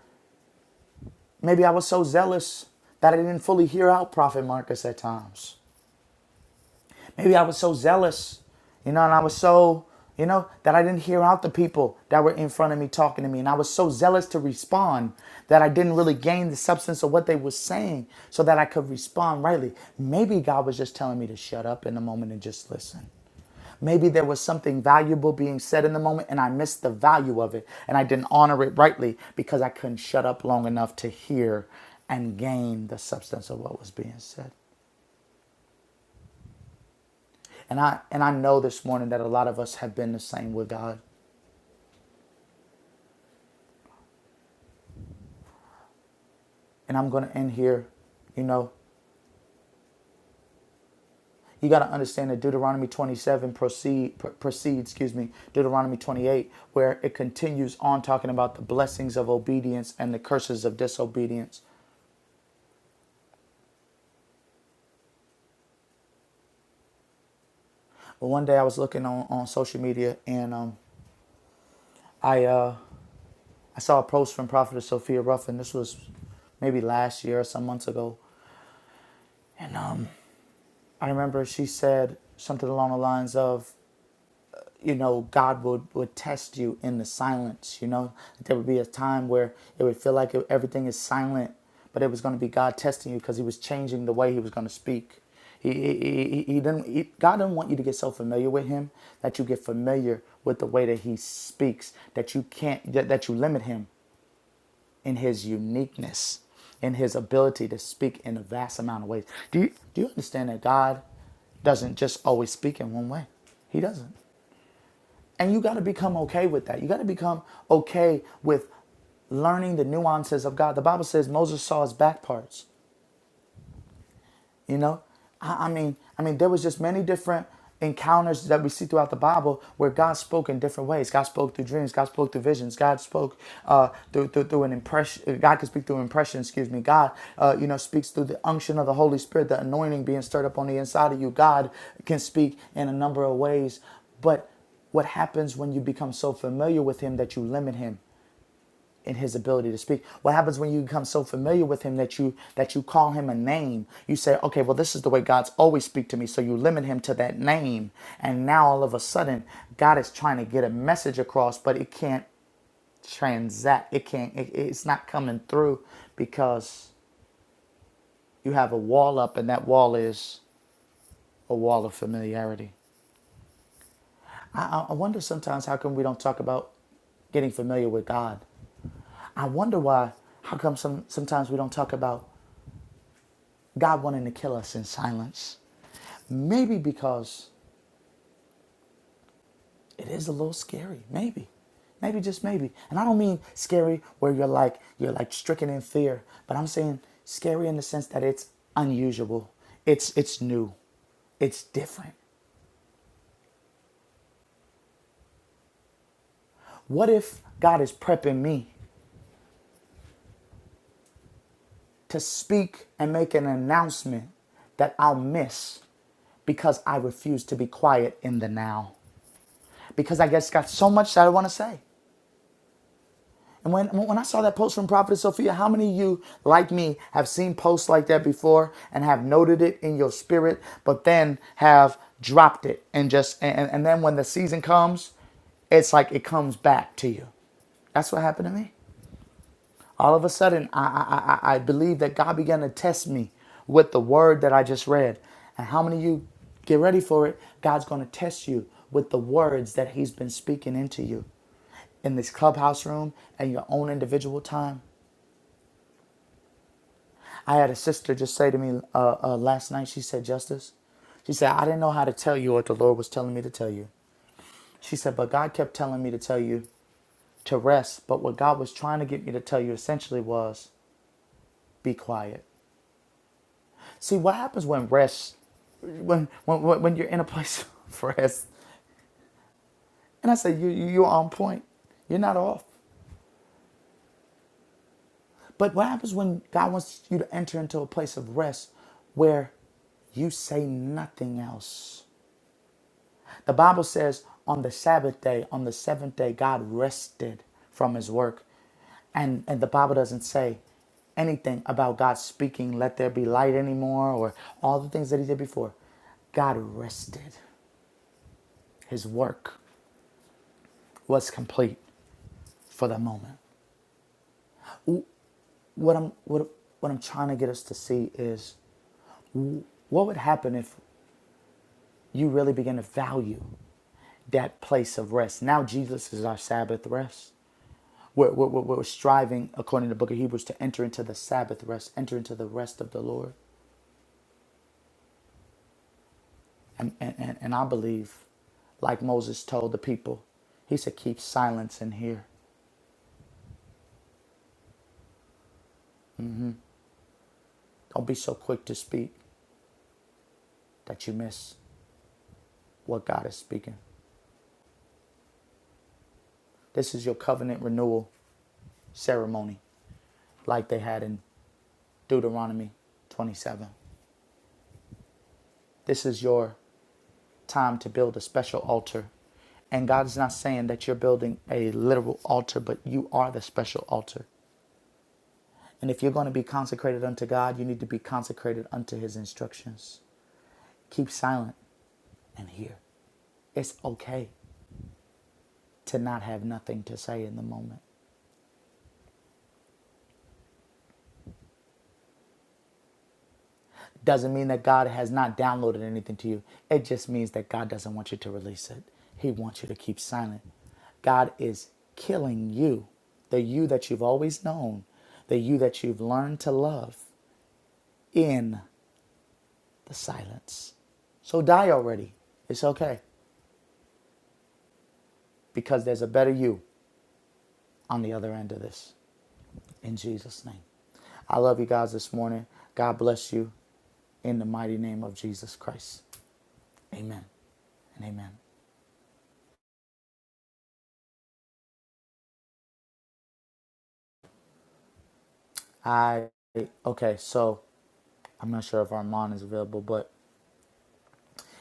D: maybe I was so zealous that I didn't fully hear out Prophet Marcus at times. Maybe I was so zealous, you know, and I was so, you know, that I didn't hear out the people that were in front of me talking to me. And I was so zealous to respond that I didn't really gain the substance of what they were saying so that I could respond rightly. Maybe God was just telling me to shut up in the moment and just listen. Maybe there was something valuable being said in the moment and I missed the value of it and I didn't honor it rightly because I couldn't shut up long enough to hear and gain the substance of what was being said. And I and I know this morning that a lot of us have been the same with God. And I'm going to end here. You know, you got to understand that Deuteronomy 27 proceed pr- proceeds, excuse me, Deuteronomy 28 where it continues on talking about the blessings of obedience and the curses of disobedience. But one day I was looking on, on social media and um, I uh, I saw a post from Prophetess Sophia Ruffin. This was maybe last year or some months ago. And um, I remember she said something along the lines of, you know, God would, would test you in the silence, you know. There would be a time where it would feel like everything is silent, but it was going to be God testing you because he was changing the way he was going to speak. He, he, he, he didn't, he, God didn't want you to get so familiar with him that you get familiar with the way that he speaks, that you can't, that, that you limit him in his uniqueness, in his ability to speak in a vast amount of ways. Do you, do you understand that God doesn't just always speak in one way? He doesn't. And you got to become okay with that. You got to become okay with learning the nuances of God. The Bible says Moses saw his back parts. You know, I, I mean, I mean, there was just many different encounters that we see throughout the Bible where God spoke in different ways. God spoke through dreams. God spoke through visions. God spoke uh, through, through through an impression. God could speak through impression. Excuse me. God, uh, you know, speaks through the unction of the Holy Spirit, the anointing being stirred up on the inside of you. God can speak in a number of ways, but what happens when you become so familiar with Him that you limit Him? in his ability to speak. What happens when you become so familiar with him that you that you call him a name? You say, "Okay, well this is the way God's always speak to me." So you limit him to that name. And now all of a sudden, God is trying to get a message across, but it can't transact. It can't it, it's not coming through because you have a wall up and that wall is a wall of familiarity. I, I I wonder sometimes how come we don't talk about getting familiar with God. I wonder why, how come some, sometimes we don't talk about God wanting to kill us in silence. Maybe because it is a little scary. Maybe. Maybe just maybe. And I don't mean scary where you're like you're like stricken in fear, but I'm saying scary in the sense that it's unusual. It's it's new. It's different. What if God is prepping me to speak and make an announcement that I'll miss because I refuse to be quiet in the now? Because I guess got so much that I want to say. And when, when I saw that post from Prophetess Sophia, how many of you, like me, have seen posts like that before and have noted it in your spirit, but then have dropped it and just, and, and then when the season comes, it's like it comes back to you. That's what happened to me. All of a sudden, I, I, I, I I believe that God began to test me with the word that I just read. And how many of you get ready for it? God's going to test you with the words that He's been speaking into you in this clubhouse room and your own individual time. I had a sister just say to me uh, uh, last night, she said, Justice, she said, I didn't know how to tell you what the Lord was telling me to tell you. She said, but God kept telling me to tell you to rest. But what God was trying to get me to tell you essentially was be quiet. See, what happens when rest, when, when, when you're in a place of rest, and I said, you- you're on point, you're not off. But what happens when God wants you to enter into a place of rest where you say nothing else? The Bible says on the Sabbath day, on the seventh day, God rested from his work. And, and the Bible doesn't say anything about God speaking, let there be light anymore, or all the things that he did before. God rested. His work was complete for the moment. What I'm, what, what I'm trying to get us to see is what would happen if you really begin to value that place of rest? Now, Jesus is our Sabbath rest. We're, we're, we're striving, according to the book of Hebrews, to enter into the Sabbath rest, enter into the rest of the Lord. And, and, and, and I believe, like Moses told the people, he said, keep silence in here. Don't be so quick to speak that you miss what God is speaking. This is your covenant renewal ceremony, like they had in Deuteronomy 27. This is your time to build a special altar. And God's not saying that you're building a literal altar, but you are the special altar. And if you're going to be consecrated unto God, you need to be consecrated unto His instructions. Keep silent and hear. It's okay to not have nothing to say in the moment. Doesn't mean that God has not downloaded anything to you, it just means that God doesn't want you to release it. He wants you to keep silent. God is killing you, the you that you've always known, the you that you've learned to love in the silence. So die already. It's okay because there's a better you on the other end of this. In Jesus' name. I love you guys this morning. God bless you in the mighty name of Jesus Christ. Amen and amen. I okay, so I'm not sure if Armand is available, but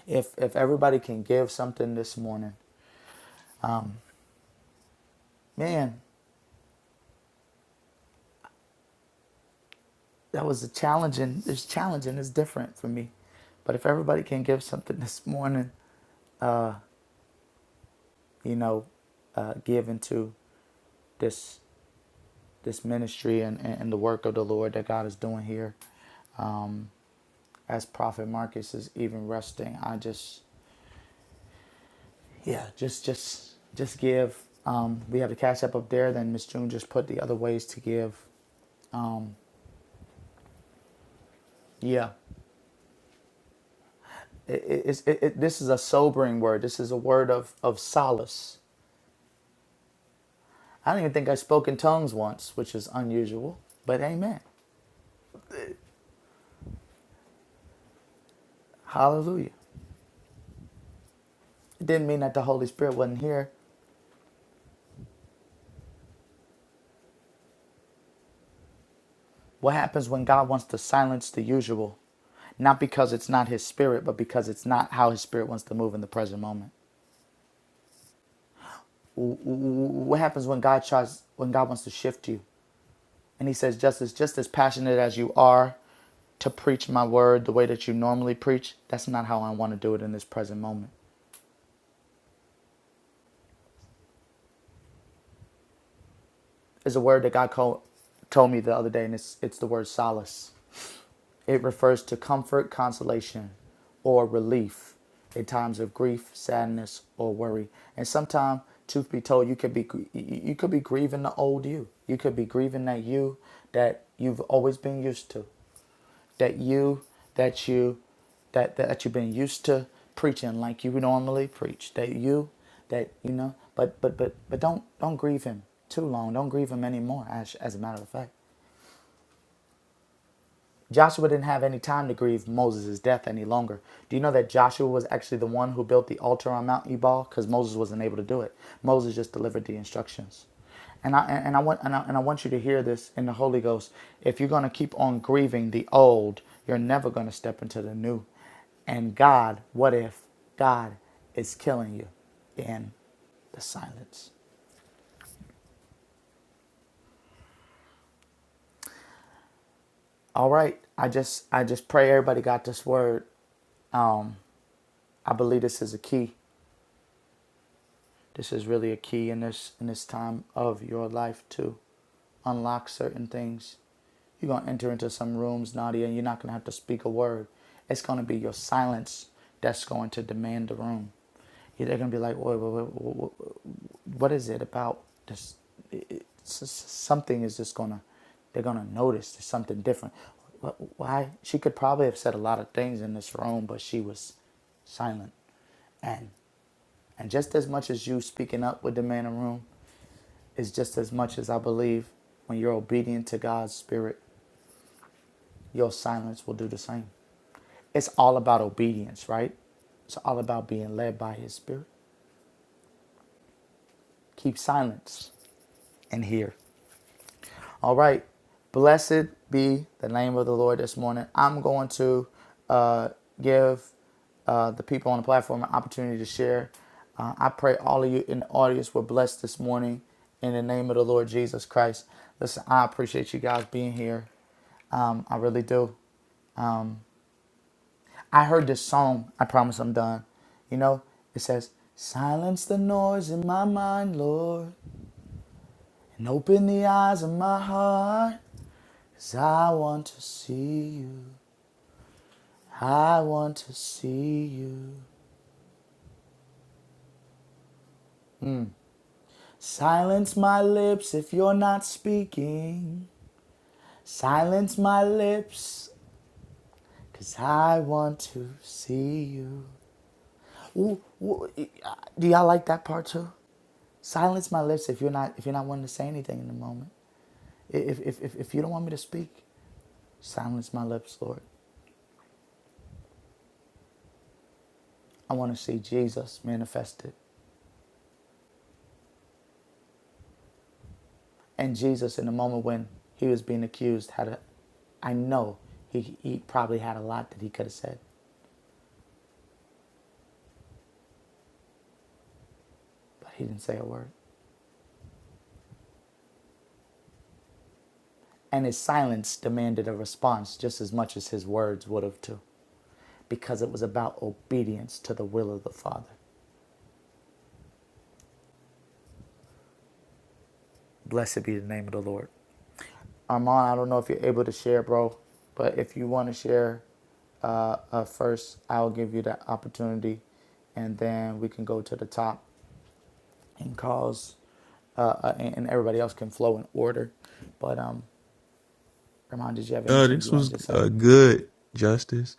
D: if if everybody can give something this morning, um, man, that was a challenging. It's challenging. It's different for me, but if everybody can give something this morning, you know, uh, give into this this ministry and, and, the work of the Lord that God is doing here. Um, as Prophet Marcus is even resting, I just, yeah, just, just, just give. Um, we have the cash app up there. Then Miss June just put the other ways to give. Yeah, it, it, it's- it, it, this is a sobering word. This is a word of, of solace. I don't even think I spoke in tongues once, which is unusual, but amen. Hallelujah. It didn't mean that the Holy Spirit wasn't here. What happens when God wants to silence the usual? Not because it's not his spirit, but because it's not how his spirit wants to move in the present moment. What happens when God tries when God wants to shift you? And he says, just as just as passionate as you are to preach my word the way that you normally preach, that's not how I want to do it in this present moment. It's a word that God called, told me the other day, and it's it's the word solace. It refers to comfort, consolation, or relief in times of grief, sadness, or worry. And sometimes, truth be told, you could be you you could be grieving the old you. You could be grieving that you that you've always been used to, that you that you that that you've been used to preaching like you would normally preach. That you that you know, but but but but don't don't grieve him too long. Don't grieve him anymore. As as a matter of fact Joshua didn't have any time to grieve Moses' death any longer. Do you know that Joshua was actually the one who built the altar on Mount Ebal? Because Moses wasn't able to do it. Moses just delivered the instructions. And I, and I, want, and, I, and I want you to hear this in the Holy Ghost. If you're going to keep on grieving the old, you're never going to step into the new. And God, what if God is killing you in the silence? All right. I just I just pray everybody got this word. Um, I believe this is a key. This is really a key in this in this time of your life to unlock certain things. You're gonna enter into some rooms, Nadia, and you're not gonna have to speak a word. It's gonna be your silence that's going to demand the room. Yeah, They're gonna be like, "Wait, wait, wait, wait, what is it about this? It, something is just gonna, they're gonna notice there's something different. Why? She could probably have said a lot of things in this room, but she was silent. And and just as much as you speaking up with the man in the room is just as much as I believe when you're obedient to God's spirit, your silence will do the same. It's all about obedience, right? It's all about being led by his spirit. Keep silence and hear. All right. Blessed be the name of the Lord this morning. I'm going to uh, give uh, the people on the platform an opportunity to share. Uh, I pray all of you in the audience were blessed this morning in the name of the Lord Jesus Christ. Listen, I appreciate you guys being here. Um, I really do. I heard this song. I promise I'm done. You know, it says, Silence the noise in my mind, Lord, and open the eyes of my heart. 'Cause I want to see you. I want to see you. Silence my lips if you're not speaking. Silence my lips. 'Cause I want to see you. Ooh, ooh, uh, do y'all like that part too? Silence my lips if you're not if you're not wanting to say anything in the moment. If if if, if you don't want me to speak, silence my lips, Lord. I want to see Jesus manifested. And Jesus, in the moment when he was being accused, had a, I know he, he probably had a lot that he could have said, but he didn't say a word. And his silence demanded a response just as much as his words would have, too, because it was about obedience to the will of the Father. Blessed be the name of the Lord. Armand, I don't know if you're able to share, bro, but if you want to share uh, uh, first, I'll give you that opportunity, and then we can go to the top and cause uh, uh, and and everybody else can flow in order. But um, Rahman, did you have
C: Uh,
D: anything you
C: this
D: wanted
C: was
D: to say?
C: uh, good, Justice.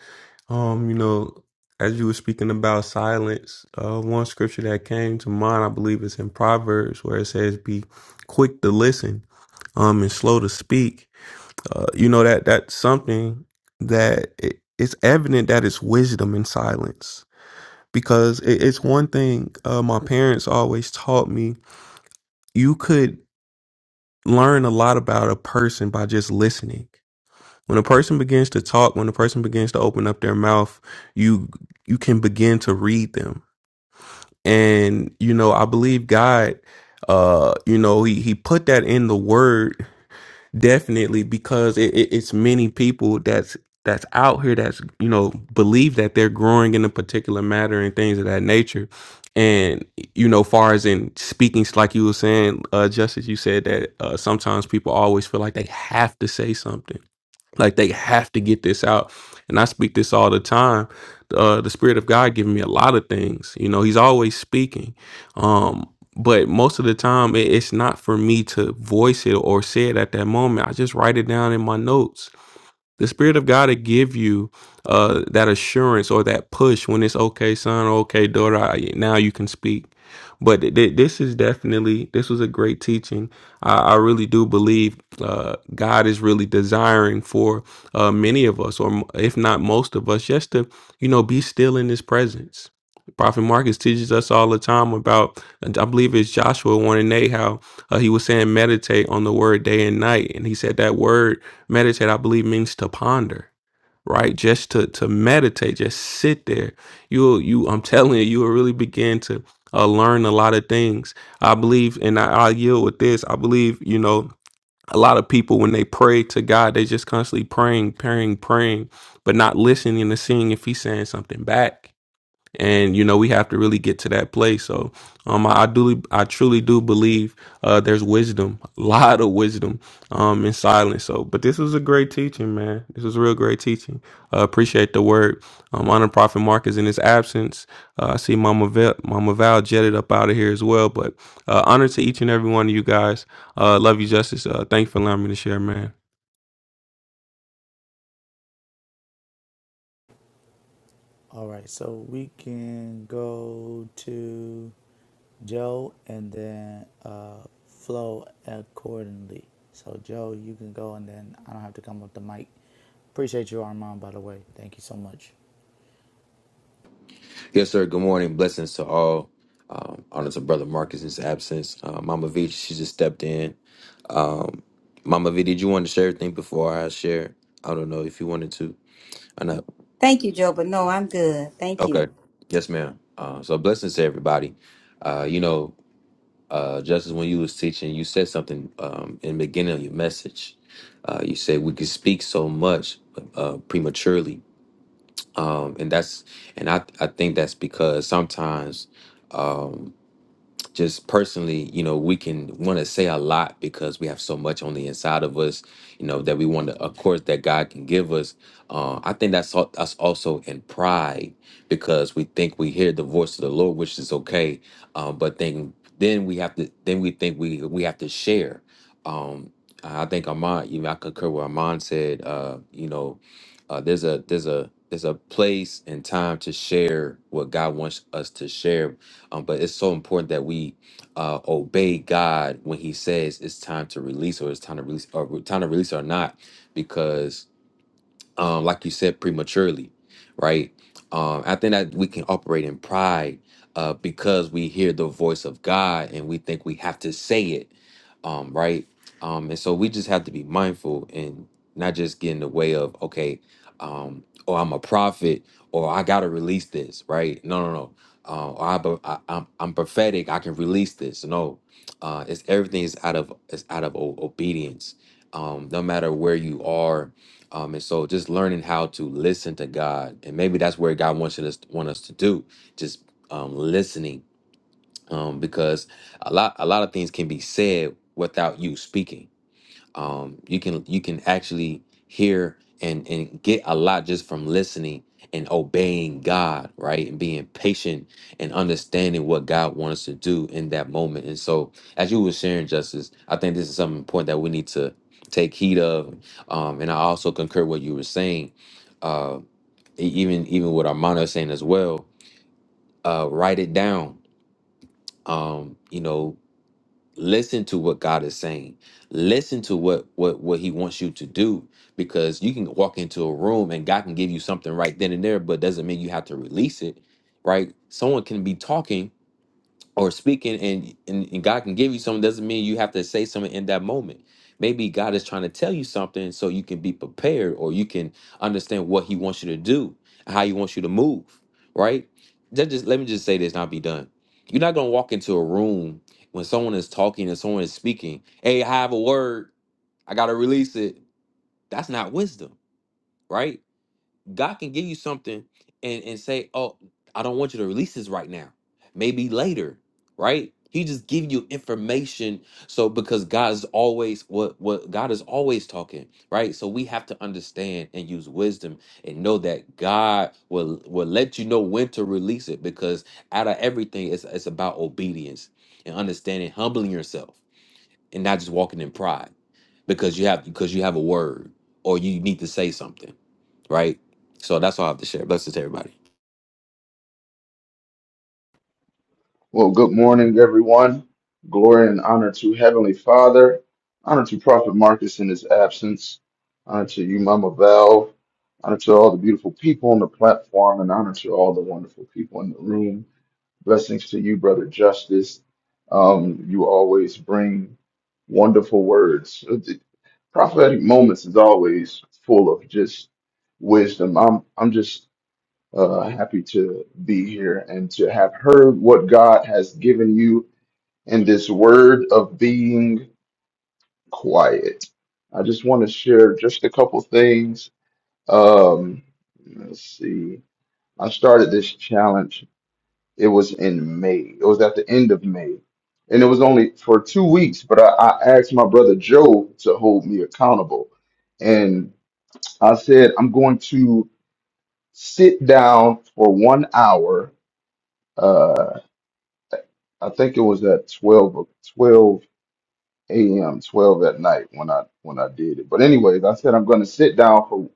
C: Um, you know, as you were speaking about silence, uh, one scripture that came to mind, I believe, is in Proverbs, where it says, "Be quick to listen, um, and slow to speak." Uh, you know that that's something that it, it's evident that it's wisdom in silence, because it, it's one thing uh, my parents always taught me. You could learn a lot about a person by just listening. When a person begins to talk, when a person begins to open up their mouth, you you can begin to read them. And you know, I believe God uh you know, he he put that in the word Definitely, because it, it, it's many people that's that's out here that's you know believe that they're growing in a particular matter and things of that nature, and you know, far as in speaking, s- like you were saying, uh, Justice, you said that uh, sometimes people always feel like they have to say something, like they have to get this out and i speak this all the time uh, the spirit of god giving me a lot of things you know he's always speaking um but most of the time it, it's not for me to voice it or say it at that moment i just write it down in my notes the Spirit of God to give you uh, that assurance or that push when it's okay, son, or okay, daughter. I, now you can speak. But th- th- this is definitely this was a great teaching. I, I really do believe uh, God is really desiring for uh, many of us, or m- if not most of us, just to you know be still in His presence. Prophet Marcus teaches us all the time about, and I believe it's Joshua one and eight, how uh, he was saying meditate on the word day and night, and he said that word meditate i believe means to ponder right just to to meditate just sit there you'll you i'm telling you you will really begin to uh, learn a lot of things i believe and I, i yield with this i believe you know a lot of people when they pray to god they just constantly praying praying praying but not listening to seeing if he's saying something back and you know we have to really get to that place so um i, I do i truly do believe uh there's wisdom a lot of wisdom um in silence so but this was a great teaching man this was real great teaching uh, appreciate the word um honor prophet marcus in his absence uh, i see mama val mama val jetted up out of here as well but uh honor to each and every one of you guys uh love you justice uh thanks for allowing me to share man
D: All right, so we can go to Joe and then uh, flow accordingly. So Joe, you can go and then I don't have to come with the mic. Appreciate you, Armand, by the way. Thank you so much.
F: Yes, sir. Good morning. Blessings to all. Um, honor to Brother Marcus in his absence. Uh, Mama V, she just stepped in. Um, Mama V, did you want to share anything before I share? I don't know if you wanted to or not.
B: Thank you, Joe, but no, I'm good. Thank you.
F: Okay. Yes, ma'am. Uh, so blessings to everybody. Uh, you know, uh, Justice, when you was teaching, you said something um, in the beginning of your message. Uh, you said we could speak so much uh, prematurely. Um, and that's and I, I think that's because sometimes just personally, you know, we can want to say a lot because we have so much on the inside of us, you know, that we want to, of course, that God can give us. Uh, I think that's al- us also in pride because we think we hear the voice of the Lord, which is okay, um, but then then we have to then we think we we have to share. Um, I think Armand, you know, I concur with Armand said, uh, you know, uh, there's a there's a there's a place and time to share what God wants us to share, um, but it's so important that we uh, obey God when He says it's time to release, or it's time to release, or time to release, or not, because um, like you said, prematurely, right? Um, I think that we can operate in pride uh, because we hear the voice of God and we think we have to say it, um, right? Um, and so we just have to be mindful and not just get in the way of, okay, um, or I'm a prophet or I got to release this, right? No, no, no. Uh, or I, be- I, I'm, I'm prophetic. I can release this. No, uh, it's everything is out of it's out of o- obedience. Um, no matter where you are, um, and so just learning how to listen to God, and maybe that's where God wants us want us to do, just um, listening, um, because a lot a lot of things can be said without you speaking um, you can you can actually hear and and get a lot just from listening and obeying God, right? And being patient and understanding what God wants to do in that moment. And so, as you were sharing, Justice, I think this is something important that we need to take heed of. Um, and I also concur what you were saying, uh, e- even even what Armando is saying as well. Uh, write it down. Um, you know, listen to what God is saying. Listen to what what what He wants you to do, because you can walk into a room and God can give you something right then and there, but doesn't mean you have to release it, right? Someone can be talking or speaking and, and and God can give you something doesn't mean you have to say something in that moment. Maybe God is trying to tell you something so you can be prepared or you can understand what he wants you to do, how he wants you to move, right? That just let me just say this and I'll be done. You're not gonna walk into a room when someone is talking and someone is speaking, hey, I have a word, I gotta release it. That's not wisdom, right? God can give you something and and say, "Oh, I don't want you to release this right now. Maybe later." Right? He just give you information so because God is always what what God is always talking, right? So we have to understand and use wisdom and know that God will will let you know when to release it because out of everything it's it's about obedience and understanding humbling yourself and not just walking in pride because you have because you have a word or you need to say something right? So that's all I have to share. Blessings to everybody.
G: Well, good morning, everyone. Glory and honor to Heavenly Father. Honor to Prophet Marcus in his absence. Honor to you, Mama Val. Honor to all the beautiful people on the platform and honor to all the wonderful people in the room. Blessings to you, Brother Justice. Um, you always bring wonderful words. Uh, The prophetic moments is always full of just wisdom. I'm I'm just uh, happy to be here and to have heard what God has given you in this word of being quiet. I just want to share just a couple things. Um, let's see. I started this challenge. It was in May. It was at the end of May, and it was only for two weeks. But I, I asked my brother Joe to hold me accountable, and I said I'm going to sit down for one hour uh, I think it was at 12, o- a.m., 12 at night when I when I did it. But anyways, I said I'm going to sit down for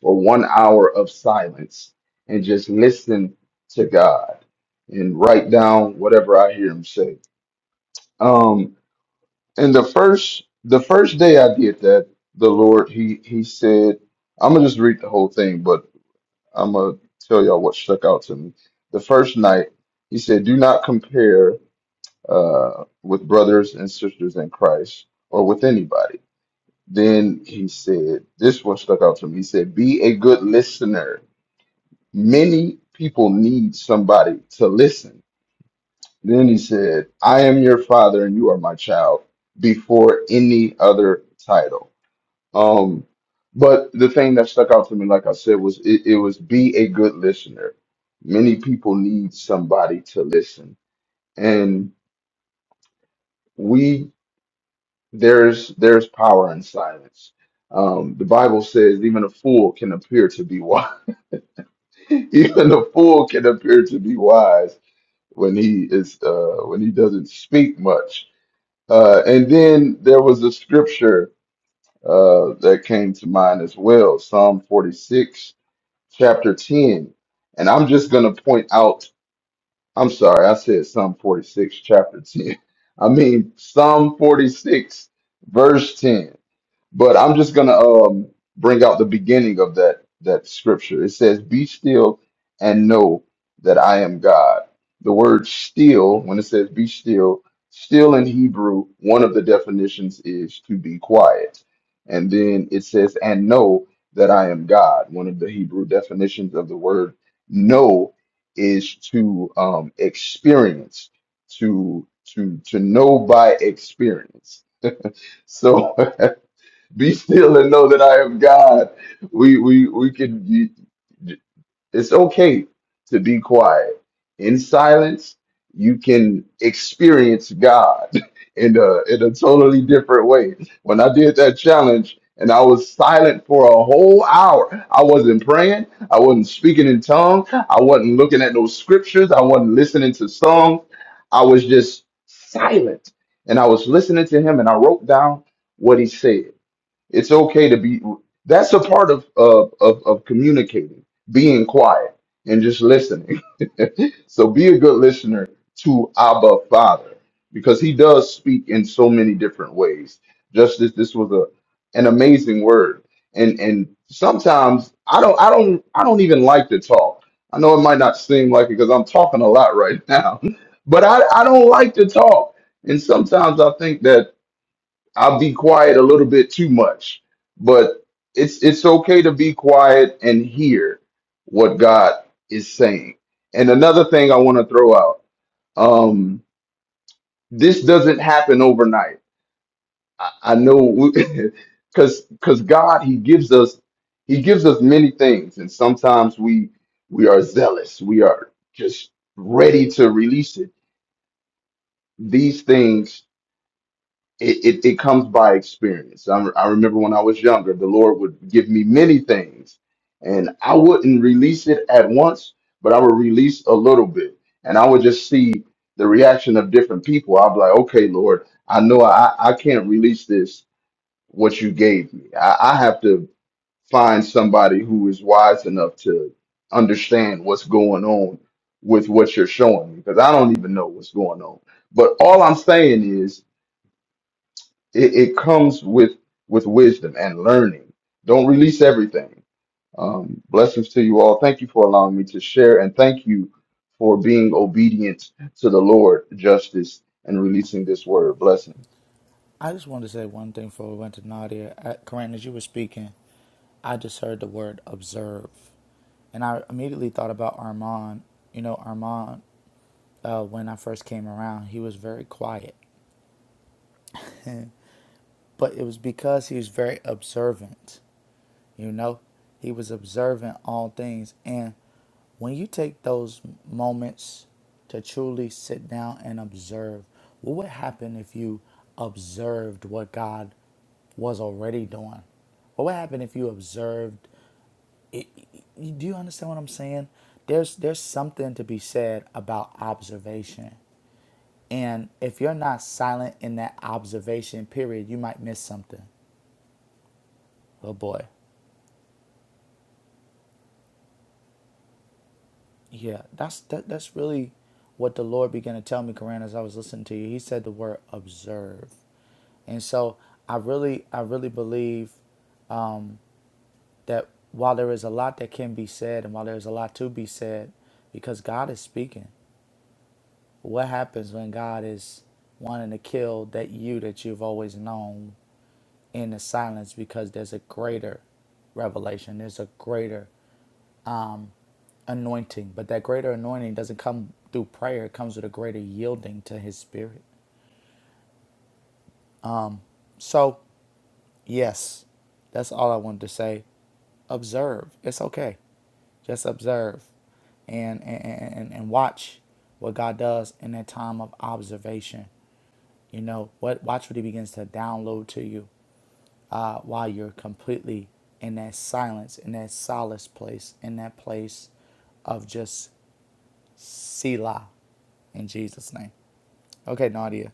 G: for one hour of silence and just listen to God and write down whatever I hear him say. Um, and the first the first day I did that, the Lord he he said, I'm gonna just read the whole thing, but I'm gonna tell y'all what stuck out to me. The first night, he said, "Do not compare." uh, with brothers and sisters in Christ or with anybody. Then he said, this one stuck out to me. He said, be a good listener. Many people need somebody to listen. Then he said, I am your father and you are my child before any other title. Um, but the thing that stuck out to me, like I said, was it, it was be a good listener. Many people need somebody to listen. And we There's there's power in silence. Um, the Bible says even a fool can appear to be wise. even a fool can appear to be wise when he is uh, when he doesn't speak much. Uh, and then there was a scripture uh, that came to mind as well, Psalm 46, chapter 10. And I'm just going to point out. I'm sorry, I said Psalm 46, chapter 10. I mean Psalm 46, verse 10 But I'm just gonna um bring out the beginning of that that scripture. It says, "Be still and know that I am God." The word "still," when it says "be still," still in Hebrew, one of the definitions is to be quiet, and then it says, "And know that I am God." One of the Hebrew definitions of the word "know" is to um, experience, to to to know by experience. So Be still and know that I am God. We we we can. you- It's okay to be quiet. In silence, you can experience God in a in a totally different way. When I did that challenge and I was silent for a whole hour, I wasn't praying. I wasn't speaking in tongues. I wasn't looking at no scriptures. I wasn't listening to songs. I was just silent, and I was listening to him. And I wrote down what he said. It's okay to be. That's a part of of of, of communicating, being quiet and just listening. so be a good listener to Abba Father because He does speak in so many different ways. Just this, this was a an amazing word, and and sometimes I don't I don't I don't even like to talk. I know it might not seem like it because I'm talking a lot right now, but I I don't like to talk, and sometimes I think that I'll be quiet a little bit too much, but it's it's okay to be quiet and hear what God is saying. And another thing I want to throw out: um, this doesn't happen overnight. I, I know, because because God He gives us He gives us many things, and sometimes we we are zealous, we are just ready to release it. These things it, it, it comes by experience. I, I remember when I was younger, the Lord would give me many things, and I wouldn't release it at once, but I would release a little bit, and I would just see the reaction of different people. I'd be like, okay, Lord, I know I, I can't release this, what you gave me. I, I have to find somebody who is wise enough to understand what's going on with what you're showing me, because I don't even know what's going on. But all I'm saying is, it, it comes with with wisdom and learning. Don't release everything. Um, blessings to you all. Thank you for allowing me to share, and thank you for being obedient to the Lord, justice, and releasing this word. Blessings.
D: I just wanted to say one thing before we went to Nadia. Uh, Corinne, as you were speaking, I just heard the word observe. And I immediately thought about Armand. You know, Armand, uh, when I first came around, he was very quiet. But it was because he was very observant. You know, he was observant all things. And when you take those moments to truly sit down and observe, what would happen if you observed what God was already doing? What would happen if you observed? It, it- do you understand what I'm saying? There's there's something to be said about observation, and if you're not silent in that observation period, you might miss something. Oh boy. Yeah, that's that, that's really what the Lord began to tell me, Koran, as I was listening to you. He said the word observe. And so I really I really believe that while there is a lot that can be said and while there is a lot to be said, because God is speaking. What happens when God is wanting to kill that you that you've always known in the silence because there's a greater revelation, there's a greater anointing, but that greater anointing doesn't come through prayer, it comes with a greater yielding to his spirit. So, yes, that's all I wanted to say. Observe. It's okay. Just observe and and, and, and watch what God does in that time of observation. You know, what watch what he begins to download to you uh, while you're completely in that silence, in that solace place, in that place of just Selah in Jesus' name. Okay, Nadia.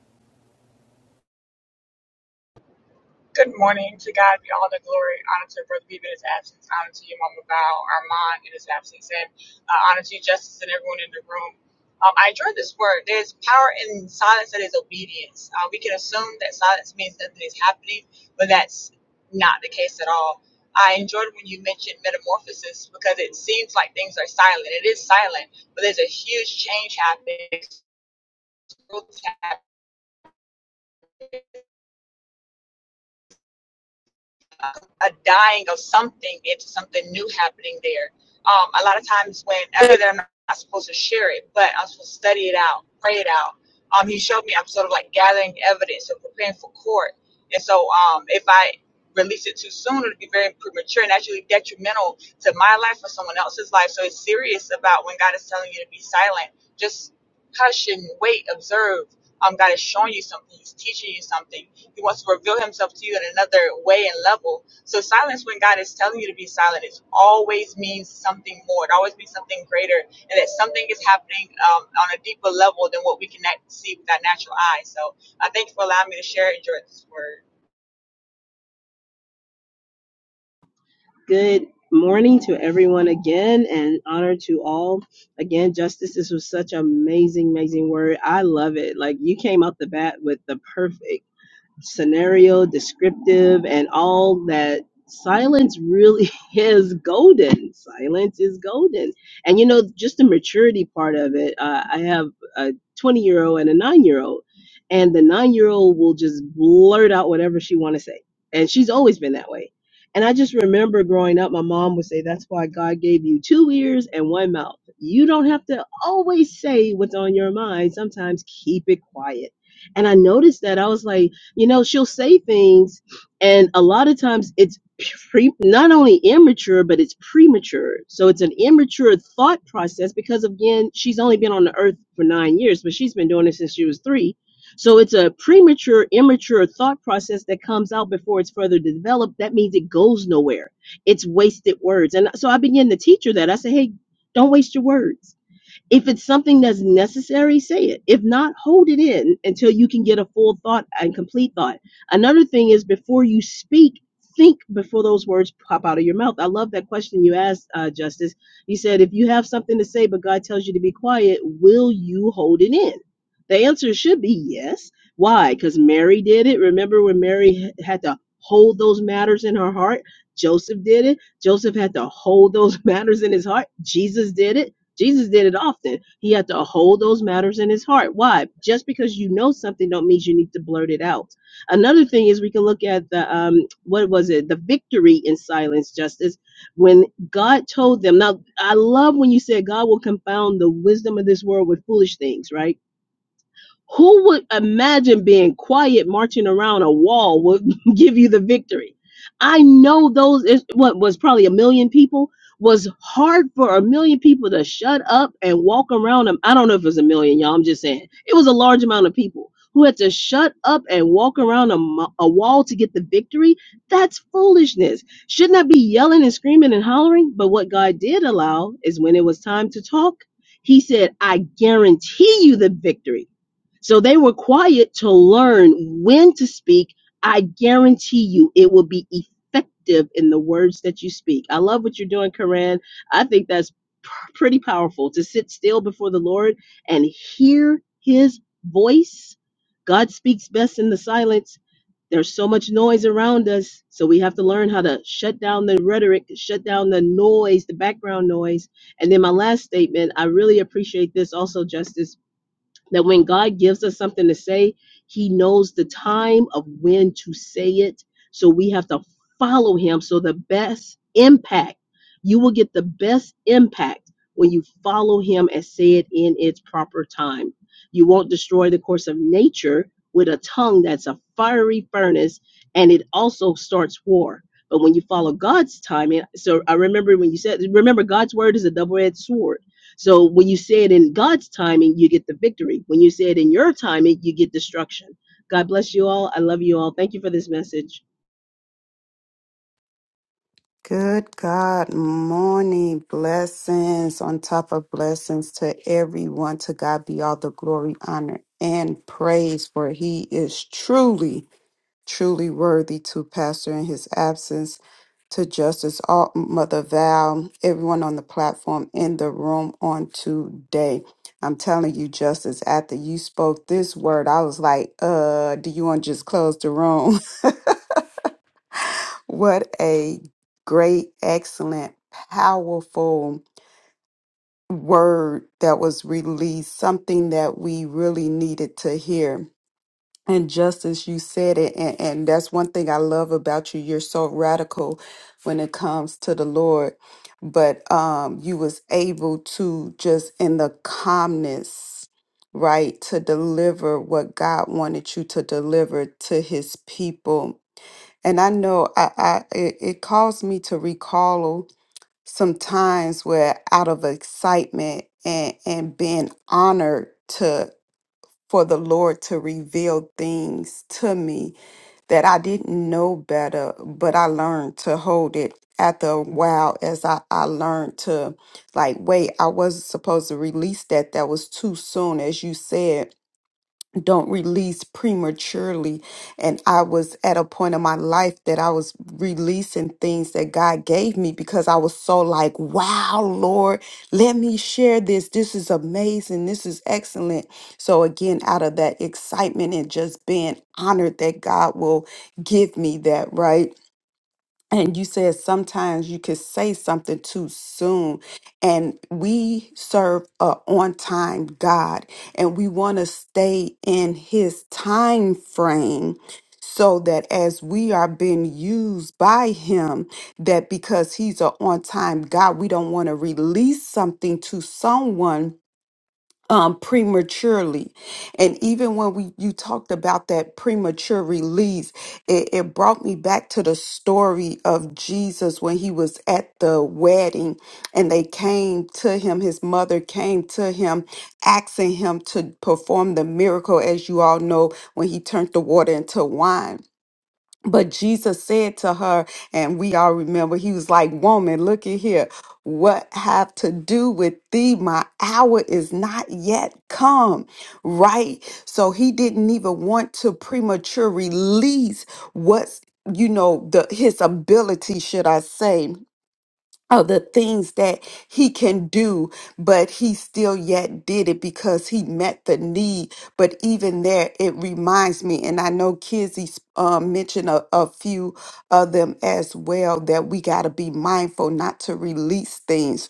H: Good morning. To God be all the glory. Honor to Brother Beebe in his absence. Honor to your mama Val, Armand in his absence. And uh, honor to you, Justice, and everyone in the room. Um, I enjoyed this word. There's power in silence that is obedience. Uh, we can assume that silence means nothing is happening, but that's not the case at all. I enjoyed when you mentioned metamorphosis because it seems like things are silent. It is silent, but there's a huge change happening. a dying of something into something new happening there. Um, a lot of times when I know that I'm not supposed to share it, but I'm supposed to study it out, pray it out. Um, he showed me I'm sort of like gathering evidence and preparing for court. And so um, if I release it too soon, it'll be very premature and actually detrimental to my life or someone else's life. So it's serious about when God is telling you to be silent. Just hush and wait, observe. Um, God is showing you something. He's teaching you something he wants to reveal himself to you in another way and level. So silence when God is telling you to be silent, it always means something more. It always means something greater and that something is happening um, on a deeper level than what we can act- see with our natural eyes. So I thank you for allowing me to share and enjoy this word.
E: Good morning to everyone again and honor to all. Again, Justice, this was such an amazing, amazing word. I love it. Like you came out the bat with the perfect. scenario, descriptive, and all that, silence really is golden. Silence is golden. And you know, just the maturity part of it, uh, I have a 20 year old and a nine year old, and the nine year old will just blurt out whatever she want to say. And she's always been that way. And I just remember growing up, my mom would say, That's why God gave you two ears and one mouth. You don't have to always say what's on your mind. Sometimes keep it quiet. And I noticed that I was like, you know, she'll say things, and a lot of times it's pre- not only immature, but it's premature. So it's an immature thought process because, again, she's only been on the earth for nine years, but she's been doing it since she was three. So it's a premature, immature thought process that comes out before it's further developed. That means it goes nowhere. It's wasted words. And so I began to teach her that. I said, hey, don't waste your words if it's something that's necessary, say it. If not, hold it in until you can get a full thought and complete thought. Another thing is before you speak, think before those words pop out of your mouth. I love that question you asked, uh, Justice. You said, if you have something to say, but God tells you to be quiet, will you hold it in? The answer should be yes. Why? Because Mary did it. Remember when Mary h- had to hold those matters in her heart? Joseph did it. Joseph had to hold those matters in his heart. Jesus did it. Jesus did it often. He had to hold those matters in his heart. Why? Just because you know something don't mean you need to blurt it out. Another thing is we can look at the um what was it? The victory in silence justice when God told them. Now I love when you said God will confound the wisdom of this world with foolish things, right? Who would imagine being quiet marching around a wall would give you the victory? I know those is what was probably a million people was hard for a million people to shut up and walk around them. I don't know if it was a million, y'all. I'm just saying it was a large amount of people who had to shut up and walk around a, mo- a wall to get the victory. That's foolishness. Shouldn't I be yelling and screaming and hollering? But what God did allow is when it was time to talk, He said, "I guarantee you the victory." So they were quiet to learn when to speak. I guarantee you it will be effective in the words that you speak. I love what you're doing, Koran. I think that's p- pretty powerful to sit still before the Lord and hear his voice. God speaks best in the silence. There's so much noise around us, so we have to learn how to shut down the rhetoric, shut down the noise, the background noise. And then my last statement, I really appreciate this also, Justice that when God gives us something to say, He knows the time of when to say it. So we have to follow Him. So the best impact, you will get the best impact when you follow Him and say it in its proper time. You won't destroy the course of nature with a tongue that's a fiery furnace and it also starts war. But when you follow God's timing, so I remember when you said, remember God's word is a double edged sword so when you say it in God's timing, you get the victory. When you say it in your timing, you get destruction. God bless you all. I love you all. Thank you for this message.
I: Good God morning. Blessings on top of blessings to everyone. To God be all the glory, honor, and praise, for he is truly, truly worthy to pastor in his absence. To Justice Alt, Mother Val, everyone on the platform in the room on today. I'm telling you, Justice, after you spoke this word, I was like, uh, do you want to just close the room? What a great, excellent, powerful word that was released, something that we really needed to hear. And just as you said it, and, and that's one thing I love about you, you're so radical when it comes to the Lord. But um, you was able to just in the calmness, right, to deliver what God wanted you to deliver to his people and I know I, I it, it caused me to recall some times where out of excitement and, and being honored to for the Lord to reveal things to me that I didn't know better, but I learned to hold it after a while as I, I learned to like wait, I wasn't supposed to release that. That was too soon, as you said don't release prematurely. And I was at a point in my life that I was releasing things that God gave me because I was so like, wow, Lord, let me share this. This is amazing. This is excellent. So, again, out of that excitement and just being honored that God will give me that, right? and you said sometimes you could say something too soon and we serve a on time god and we want to stay in his time frame so that as we are being used by him that because he's a on time god we don't want to release something to someone um, prematurely. And even when we you talked about that premature release, it, it brought me back to the story of Jesus when he was at the wedding and they came to him, his mother came to him, asking him to perform the miracle, as you all know, when he turned the water into wine. But Jesus said to her, and we all remember, he was like, Woman, look at here. What have to do with thee? My hour is not yet come, right? So he didn't even want to premature release what's, you know, the his ability, should I say, of the things that he can do, but he still yet did it because he met the need. But even there, it reminds me, and I know Kizzy um, mentioned a, a few of them as well, that we got to be mindful not to release things.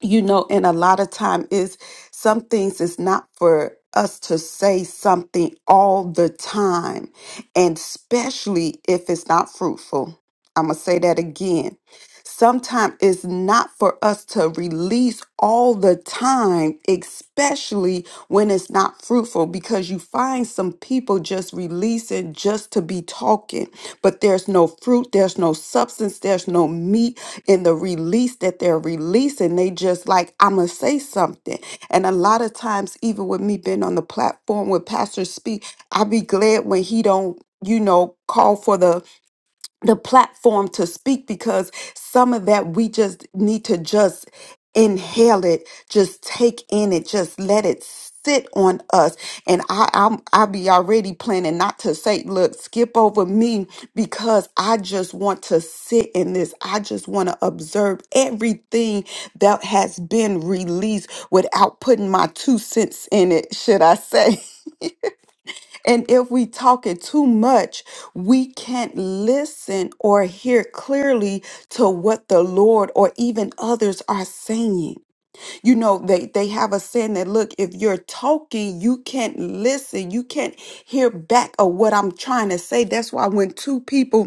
I: You know, and a lot of time is some things is not for us to say something all the time, and especially if it's not fruitful. I'm gonna say that again Sometimes it's not for us to release all the time, especially when it's not fruitful, because you find some people just releasing just to be talking, but there's no fruit, there's no substance, there's no meat in the release that they're releasing. They just like, I'm going to say something. And a lot of times, even with me being on the platform with pastors speak, I be glad when he don't, you know, call for the the platform to speak because some of that we just need to just inhale it, just take in it, just let it sit on us. And I, I'm, I be already planning not to say, look, skip over me because I just want to sit in this. I just want to observe everything that has been released without putting my two cents in it, should I say. And if we talk it too much, we can't listen or hear clearly to what the Lord or even others are saying. You know, they, they have a saying that look, if you're talking, you can't listen, you can't hear back of what I'm trying to say. That's why when two people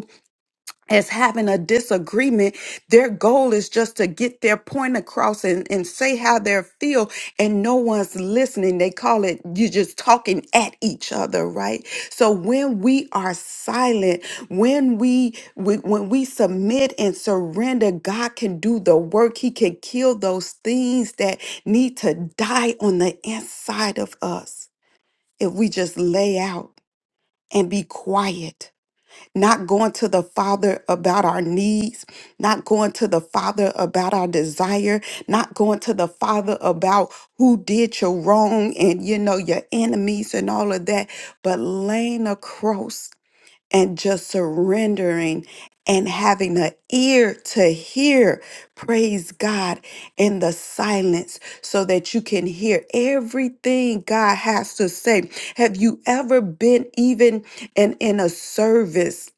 I: as having a disagreement. Their goal is just to get their point across and, and say how they feel, and no one's listening. They call it you are just talking at each other, right? So when we are silent, when we, we when we submit and surrender, God can do the work. He can kill those things that need to die on the inside of us if we just lay out and be quiet not going to the Father about our needs, not going to the Father about our desire, not going to the Father about who did you wrong and, you know, your enemies and all of that, but laying across and just surrendering and having an ear to hear, praise God, in the silence so that you can hear everything God has to say. Have you ever been even in, in a service?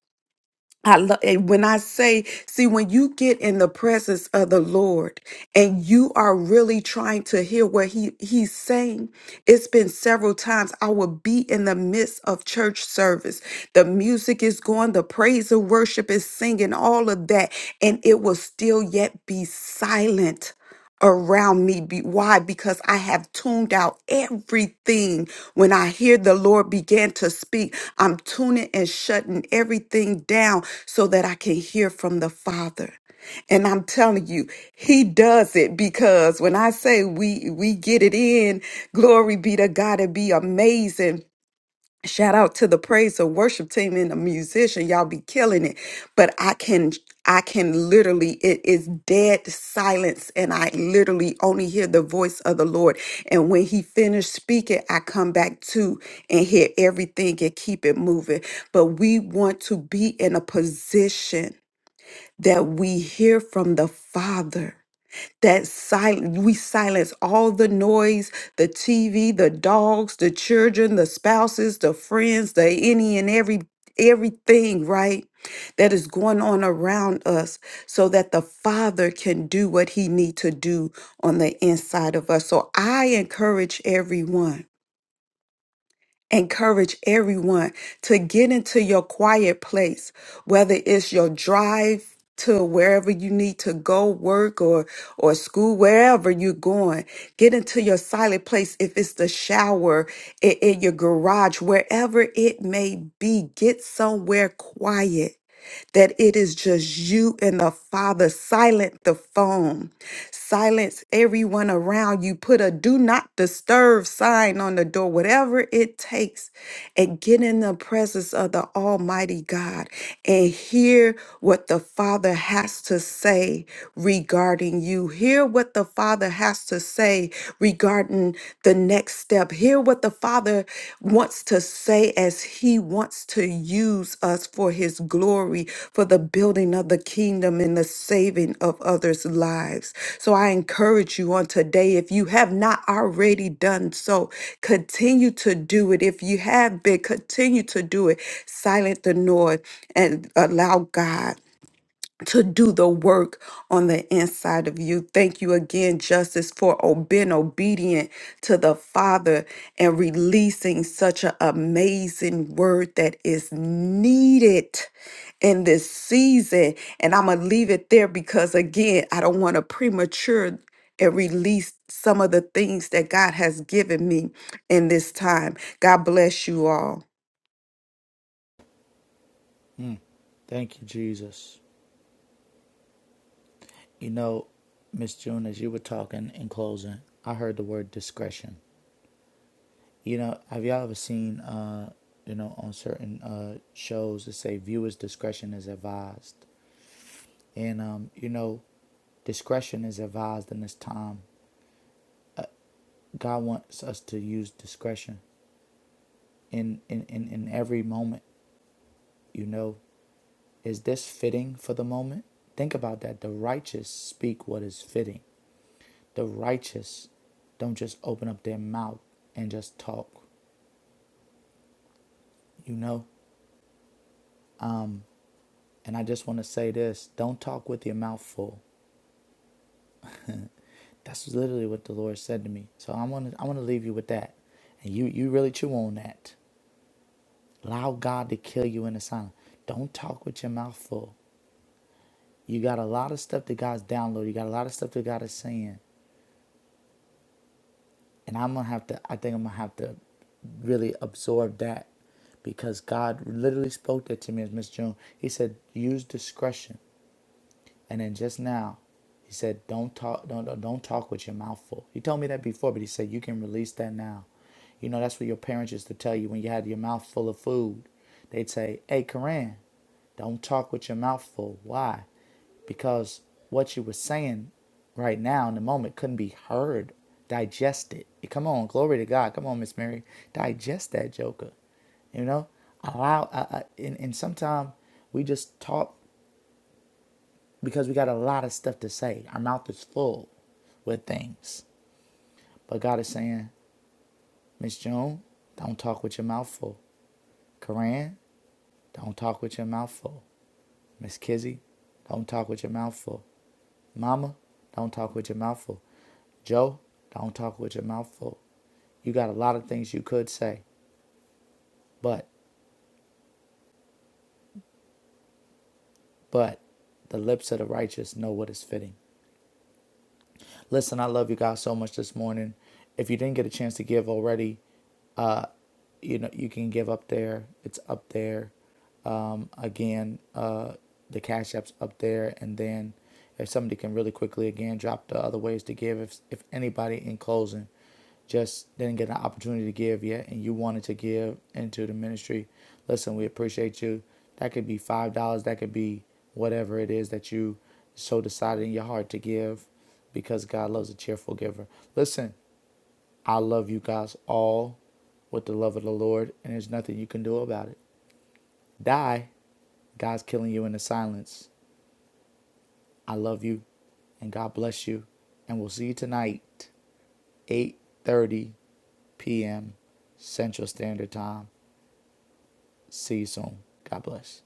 I: I love when I say, see, when you get in the presence of the Lord and you are really trying to hear what he, He's saying, it's been several times I will be in the midst of church service. The music is going, the praise and worship is singing, all of that, and it will still yet be silent around me. Be- Why? Because I have tuned out everything when I hear the Lord begin to speak, I'm tuning and shutting everything down so that I can hear from the Father. And I'm telling you, he does it because when I say we we get it in, glory be to God, and be amazing Shout out to the praise and worship team and the musician. Y'all be killing it. But I can I can literally it is dead silence and I literally only hear the voice of the Lord. And when he finished speaking, I come back to and hear everything and keep it moving. But we want to be in a position that we hear from the Father that silent we silence all the noise the tv the dogs the children the spouses the friends the any and every everything right that is going on around us so that the father can do what he need to do on the inside of us so i encourage everyone encourage everyone to get into your quiet place, whether it's your drive to wherever you need to go work or or school wherever you're going get into your silent place if it's the shower in, in your garage wherever it may be get somewhere quiet that it is just you and the Father. Silent the phone, silence everyone around you. Put a do not disturb sign on the door, whatever it takes, and get in the presence of the Almighty God and hear what the Father has to say regarding you. Hear what the Father has to say regarding the next step. Hear what the Father wants to say as He wants to use us for His glory, for the building of the kingdom and the saving of others' lives. So I encourage you on today, if you have not already done so, continue to do it. If you have been, continue to do it. Silent the noise and allow God to do the work on the inside of you. Thank you again, Justice, for o- being obedient to the Father and releasing such an amazing word that is needed in this season. And I'm going to leave it there because, again, I don't want to premature and release some of the things that God has given me in this time. God bless you all.
D: Mm. Thank you, Jesus. You know, Miss June, as you were talking in closing, I heard the word discretion. You know, have y'all ever seen, uh, you know, on certain uh, shows that say viewers' discretion is advised? And, um, you know, discretion is advised in this time. God wants us to use discretion in, in, in, in every moment, you know. Is this fitting for the moment? Think about that. The righteous speak what is fitting. The righteous don't just open up their mouth and just talk, you know? And I just want to say this don't talk with your mouth full. That's literally what the Lord said to me. So I want to I want to leave you with that. And you you really chew on that. Allow God to kill you in the silence. Don't talk with your mouth full. You got a lot of stuff that God's downloaded. You got a lot of stuff that God is saying. and I'm gonna have to. I think I'm gonna have to really absorb that because God literally spoke that to me as Miss June. He said, "Use discretion." And then just now, he said, "Don't talk, don't don't talk with your mouth full." He told me that before, but he said you can release that now. You know that's what your parents used to tell you when you had your mouth full of food. They'd say, "Hey, Koran, don't talk with your mouth full." Why? Because what you were saying right now in the moment couldn't be heard, digested. Come on, glory to God. Come on, Miss Mary, digest that joker. You know, allow. Uh, uh, and and sometimes we just talk because we got a lot of stuff to say. Our mouth is full with things. But God is saying, Miss Joan, don't talk with your mouth full. Koran, don't talk with your mouth full. Miss Kizzy, don't talk with your mouth full. Mama, don't talk with your mouth full. Joe, don't talk with your mouth full. You got a lot of things you could say, but, but, the lips of the righteous know what is fitting. Listen, I love you guys so much this morning. If you didn't get a chance to give already, Uh, you know you can give up there it's up there um, again uh, the cash apps up there and then if somebody can really quickly again drop the other ways to give if, if anybody in closing just didn't get an opportunity to give yet and you wanted to give into the ministry listen we appreciate you that could be five dollars that could be whatever it is that you so decided in your heart to give because god loves a cheerful giver listen I love you guys all with the love of the Lord, and there's nothing you can do about it. Die. God's killing you in the silence. I love you, and God bless you. And we'll see you tonight, 8.30 p.m. Central Standard Time. See you soon. God bless.